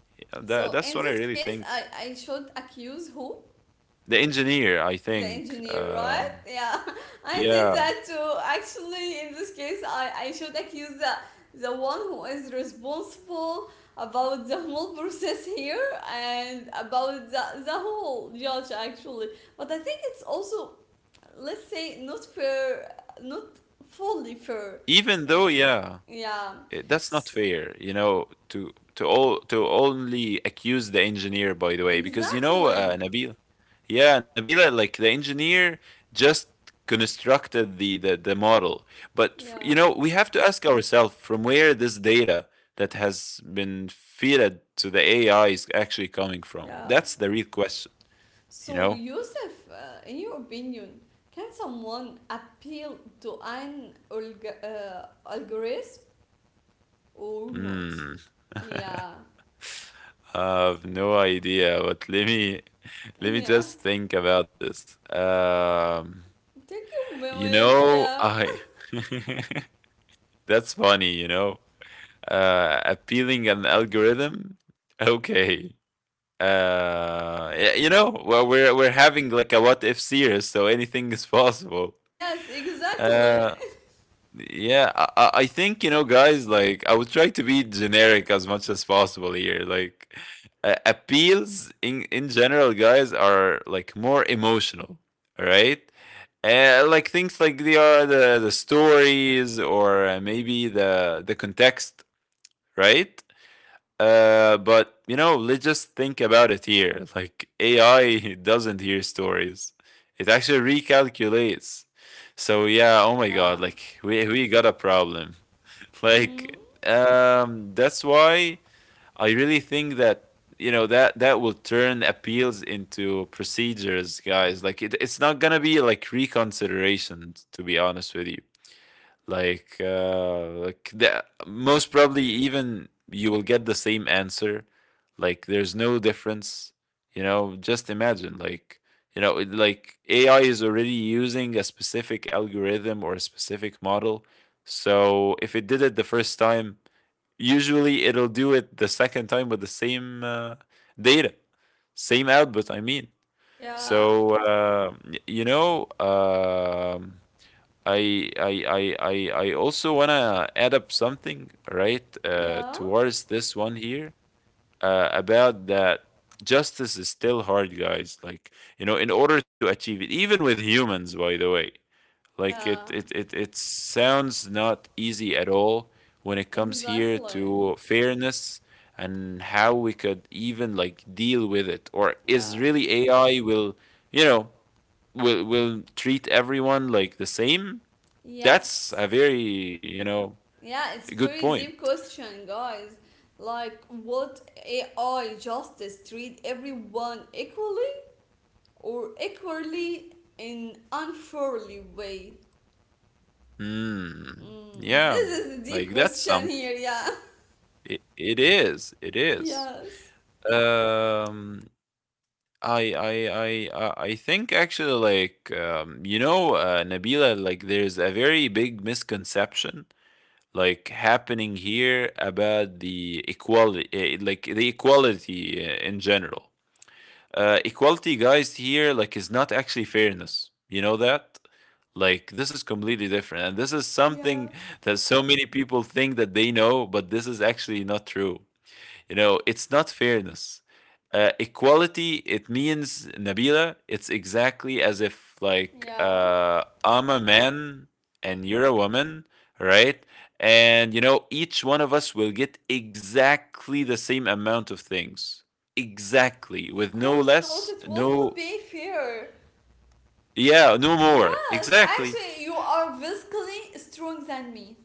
Speaker 2: Yeah, that that's what I
Speaker 1: in this
Speaker 2: really
Speaker 1: case,
Speaker 2: think.
Speaker 1: I should accuse who?
Speaker 2: The engineer, I
Speaker 1: The
Speaker 2: think,
Speaker 1: engineer, right? Yeah, I
Speaker 2: yeah.
Speaker 1: think that too. Actually, in this case, I should accuse the one who is responsible about the whole process here, and about the whole judge, actually. But I think it's also, let's say, not fair, not fully fair.
Speaker 2: Even though,
Speaker 1: Eh,
Speaker 2: yeah.
Speaker 1: Yeah,
Speaker 2: Eh, that's not
Speaker 1: S
Speaker 2: fair, you know, to only accuse the engineer, by the way, because you know. Yeah.
Speaker 1: exactly.
Speaker 2: Uh, Nabil, yeah, Nabila, like the engineer just constructed the model, but you
Speaker 1: Yeah,
Speaker 2: know, we have to ask ourselves from where this data that has been fed to the AI is actually coming from.
Speaker 1: yeah.
Speaker 2: That's the real question, you
Speaker 1: So,
Speaker 2: know.
Speaker 1: Yusuf, in your opinion, can someone appeal to an algorithm or not?
Speaker 2: Hmm.
Speaker 1: Yeah.
Speaker 2: I have no idea, but let me let me
Speaker 1: Yeah.
Speaker 2: just think about this.
Speaker 1: Take your
Speaker 2: You
Speaker 1: moments,
Speaker 2: know,
Speaker 1: yeah.
Speaker 2: I that's funny, you know. Uh, appealing an algorithm? Okay. Uh, you know, well, we're having like a what if series, so anything is possible.
Speaker 1: Yes, exactly.
Speaker 2: Uh, yeah, I I think, you know, guys, like, I would try to be generic as much as possible here. Like, appeals in general, guys, are like more emotional, right? Like things like they are the stories or, maybe the context, right? But you know, let's just think about it here. Like AI doesn't hear stories; it actually recalculates. So yeah, oh my god,
Speaker 1: Yeah.
Speaker 2: like we got a problem. Like,
Speaker 1: Mm.
Speaker 2: that's why I really think that, you know, that that will turn appeals into procedures, guys. Like it's not gonna be like reconsiderations, to be honest with you. Like, like the most probably even you will get the same answer. Like there's no difference. You know, just imagine, like, you know, like AI is already using a specific algorithm or a specific model. So if it did it the first time, usually it'll do it the second time with the same data, same output I mean.
Speaker 1: Yeah.
Speaker 2: So you know, um, I also wanna add up something, right,
Speaker 1: Yeah.
Speaker 2: towards this one here, about that justice is still hard, guys. Like, you know, in order to achieve it, even with humans, by the way, like it
Speaker 1: Yeah.
Speaker 2: it it it sounds not easy at all when it comes here
Speaker 1: Exactly.
Speaker 2: to fairness and how we could even like deal with it, or is
Speaker 1: Yeah.
Speaker 2: really AI will, you know, will treat everyone like the same. That's
Speaker 1: Yes.
Speaker 2: a very, you know,
Speaker 1: Yeah, it's a
Speaker 2: good
Speaker 1: very deep
Speaker 2: point.
Speaker 1: question, guys. Like, what AI justice, treat everyone equally or equally in unfairly way?
Speaker 2: Mm,
Speaker 1: Mm, this
Speaker 2: yeah,
Speaker 1: is a deep
Speaker 2: like that's
Speaker 1: question
Speaker 2: something.
Speaker 1: here. Yeah.
Speaker 2: It is. It is.
Speaker 1: Yes.
Speaker 2: Um, I think actually, like, you know, Nabila, like there's a very big misconception like happening here about the equality. Like the equality, in general, equality, guys, here like is not actually fairness. You know that? Like this is completely different, and this is
Speaker 1: Yeah.
Speaker 2: something that so many people think that they know, but this is actually not true. You know, it's not fairness. Equality, it means, Nabila, it's exactly as if, like,
Speaker 1: Yeah.
Speaker 2: I'm a man and you're a woman, right? And, you know, each one of us will get exactly the same amount of things. Exactly.
Speaker 1: Of
Speaker 2: With no
Speaker 1: course not.
Speaker 2: less,
Speaker 1: It will not
Speaker 2: no,
Speaker 1: be fair.
Speaker 2: yeah, no more.
Speaker 1: Yes,
Speaker 2: Exactly.
Speaker 1: actually, you are physically strong than me.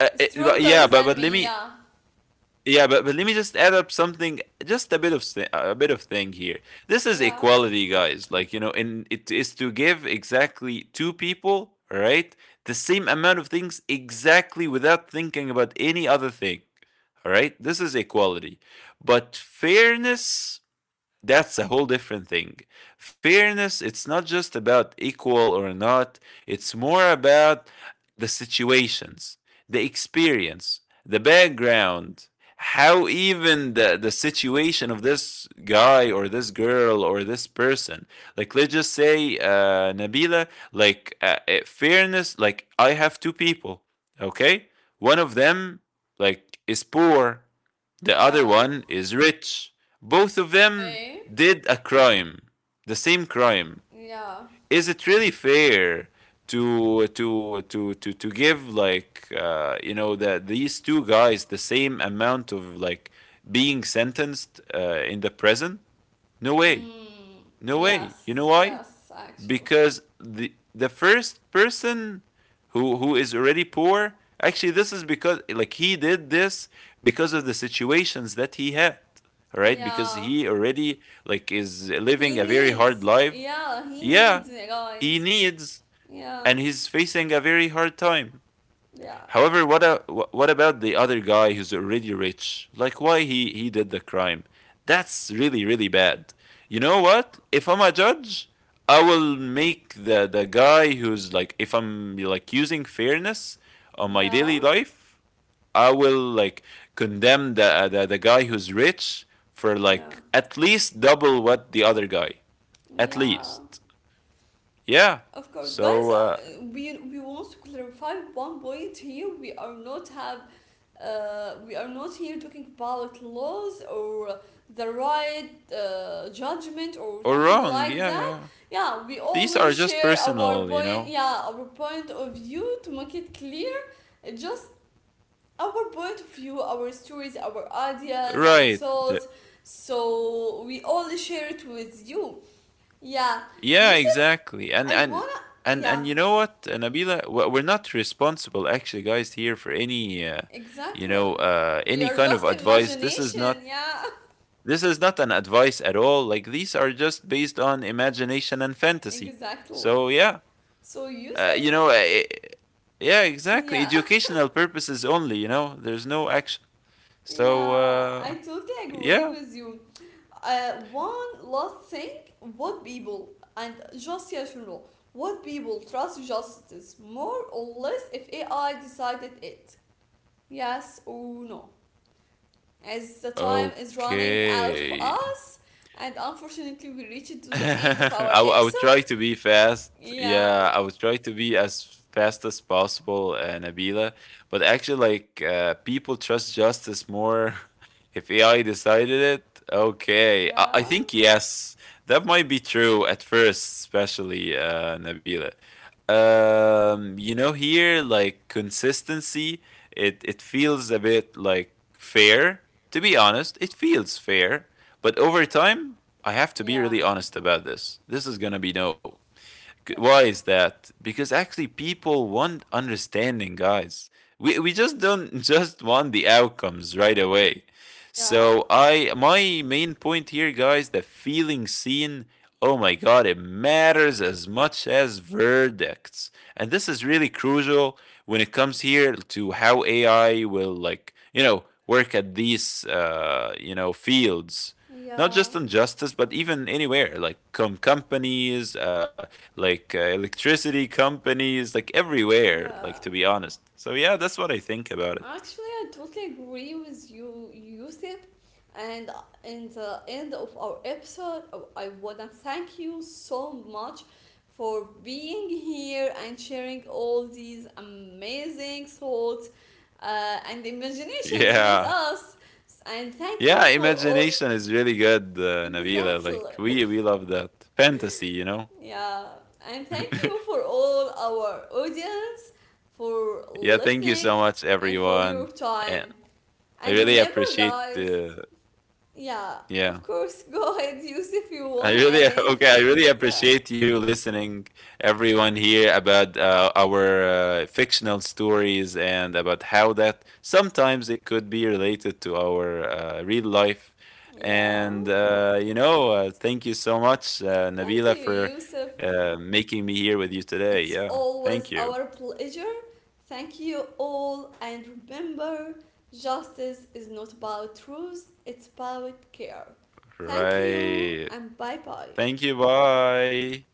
Speaker 2: It- but
Speaker 1: Stronger
Speaker 2: yeah,
Speaker 1: than
Speaker 2: but let
Speaker 1: me.
Speaker 2: me
Speaker 1: Yeah.
Speaker 2: Yeah, but let me just add up something, just a bit of a bit of thing here. This is
Speaker 1: Yeah.
Speaker 2: equality, guys. Like, you know, and it is to give exactly two people, right, the same amount of things exactly without thinking about any other thing. All right, this is equality, but fairness, that's a whole different thing. Fairness, it's not just about equal or not, it's more about the situations, the experience, the background, how even the situation of this guy or this girl or this person. Like, let's just say, Nabila, like, fairness, like, I have two people, okay? One of them, like, is poor, the other
Speaker 1: Yeah.
Speaker 2: one is rich. Both of them
Speaker 1: Okay.
Speaker 2: did a crime, the same crime.
Speaker 1: Yeah.
Speaker 2: Is it really fair to give, like, you know, that these two guys the same amount of like being sentenced in the prison? No way,
Speaker 1: Mm,
Speaker 2: no way. You
Speaker 1: yes,
Speaker 2: know why?
Speaker 1: yes, actually.
Speaker 2: Because the first person, who is already poor, actually this is because, like, he did this because of the situations that he had, all right, because
Speaker 1: Yeah,
Speaker 2: he already like is
Speaker 1: he
Speaker 2: living a very
Speaker 1: needs.
Speaker 2: hard life,
Speaker 1: Yeah, he needs
Speaker 2: yeah,
Speaker 1: it,
Speaker 2: he
Speaker 1: guys.
Speaker 2: needs,
Speaker 1: Yeah,
Speaker 2: and he's facing a very hard time.
Speaker 1: yeah,
Speaker 2: However, what about the other guy who's already rich? Like why he did the crime? That's really really bad. You know what? If I'm a judge, I will make the guy who's like, if I'm like using fairness on my daily
Speaker 1: yeah,
Speaker 2: life, I will like condemn the guy who's rich for like
Speaker 1: yeah,
Speaker 2: at least double what the other guy. At
Speaker 1: yeah.
Speaker 2: least. Yeah.
Speaker 1: Of course,
Speaker 2: So
Speaker 1: guys,
Speaker 2: uh,
Speaker 1: we want to clarify one point here. We are not here talking about laws or the right judgment or
Speaker 2: or
Speaker 1: something
Speaker 2: wrong.
Speaker 1: like
Speaker 2: Yeah, yeah,
Speaker 1: that.
Speaker 2: yeah.
Speaker 1: Yeah, we
Speaker 2: These
Speaker 1: only
Speaker 2: are just
Speaker 1: share
Speaker 2: personal,
Speaker 1: our
Speaker 2: you
Speaker 1: point.
Speaker 2: know.
Speaker 1: Yeah, our point of view, to make it clear. Just our point of view, our stories, our ideas and
Speaker 2: Right. The-
Speaker 1: thoughts. So we only share it with you. Yeah,
Speaker 2: Yeah,
Speaker 1: Yusuf,
Speaker 2: exactly. And
Speaker 1: I
Speaker 2: and
Speaker 1: wanna,
Speaker 2: and and you
Speaker 1: yeah.
Speaker 2: know what, Nabila, we're not responsible actually, guys, here for any you
Speaker 1: Exactly.
Speaker 2: know, any
Speaker 1: Your
Speaker 2: kind of
Speaker 1: just
Speaker 2: advice.
Speaker 1: imagination, yeah.
Speaker 2: This is not an advice at all. Like these are just based on imagination and fantasy.
Speaker 1: Exactly.
Speaker 2: So yeah,
Speaker 1: So,
Speaker 2: uh, you
Speaker 1: Yusuf,
Speaker 2: know, uh, yeah, exactly.
Speaker 1: yeah,
Speaker 2: Educational purposes only. You know, there's no action. So
Speaker 1: yeah, I totally agree
Speaker 2: yeah.
Speaker 1: with you. One last thing, what people, and just yes or no, what people trust justice more or less if AI decided it, yes or no. As the time is running out for
Speaker 2: Okay.
Speaker 1: us, and unfortunately we reached to the end of our
Speaker 2: I will try
Speaker 1: episode.
Speaker 2: to be fast.
Speaker 1: Yeah,
Speaker 2: Yeah, I would try to be as fast as possible, Nabila. But actually, like, people trust justice more if AI decided it. Okay, I,
Speaker 1: yeah.
Speaker 2: I think yes, that might be true at first, especially Nabila. You know, here like consistency, it feels a bit like fair. To be honest, it feels fair, but over time, I have to be
Speaker 1: Yeah.
Speaker 2: really honest about this. This is going to be no. Why
Speaker 1: Yes.
Speaker 2: is that? Because actually, people want understanding, guys. We just don't just want the outcomes right away.
Speaker 1: Yeah.
Speaker 2: So I, my main point here, guys, that feeling seen. Oh my god, it matters as much as verdicts, and this is really crucial when it comes here to how AI will, like, you know, work at these, you know, fields, not
Speaker 1: Yeah.
Speaker 2: just on justice, but even anywhere, like, companies, electricity companies, like everywhere,
Speaker 1: Yeah.
Speaker 2: like to be honest. So yeah, that's what I think about it.
Speaker 1: Actually, I totally agree with you, Yusuf. And in the end of our episode, I wanna thank you so much for being here and sharing all these amazing thoughts and imaginations with
Speaker 2: Yeah.
Speaker 1: us. And thank
Speaker 2: Yeah,
Speaker 1: you for all.
Speaker 2: imagination is really good, Nabila.
Speaker 1: Exactly.
Speaker 2: Like we love that fantasy, you know.
Speaker 1: Yeah, and thank you for all our audience for
Speaker 2: Yeah, thank you so
Speaker 1: listening
Speaker 2: much,
Speaker 1: and for your
Speaker 2: everyone, and
Speaker 1: time.
Speaker 2: I
Speaker 1: And
Speaker 2: really
Speaker 1: remember,
Speaker 2: appreciate.
Speaker 1: guys, yeah, of
Speaker 2: Yeah,
Speaker 1: course, go ahead, use if you
Speaker 2: I
Speaker 1: want to add
Speaker 2: really okay. I
Speaker 1: anything.
Speaker 2: really
Speaker 1: Yeah,
Speaker 2: appreciate you listening, everyone here, about our fictional stories and about how that sometimes it could be related to our real life. And
Speaker 1: yeah.
Speaker 2: you know, thank you so much,
Speaker 1: Thank
Speaker 2: Nabila,
Speaker 1: you,
Speaker 2: for
Speaker 1: Yusuf.
Speaker 2: making me here with you today.
Speaker 1: It's
Speaker 2: Yeah, thank
Speaker 1: always
Speaker 2: you.
Speaker 1: our pleasure. Thank you all, and remember, justice is not about truth, it's about care. Thank you,
Speaker 2: Right.
Speaker 1: and bye bye.
Speaker 2: Thank you. Bye.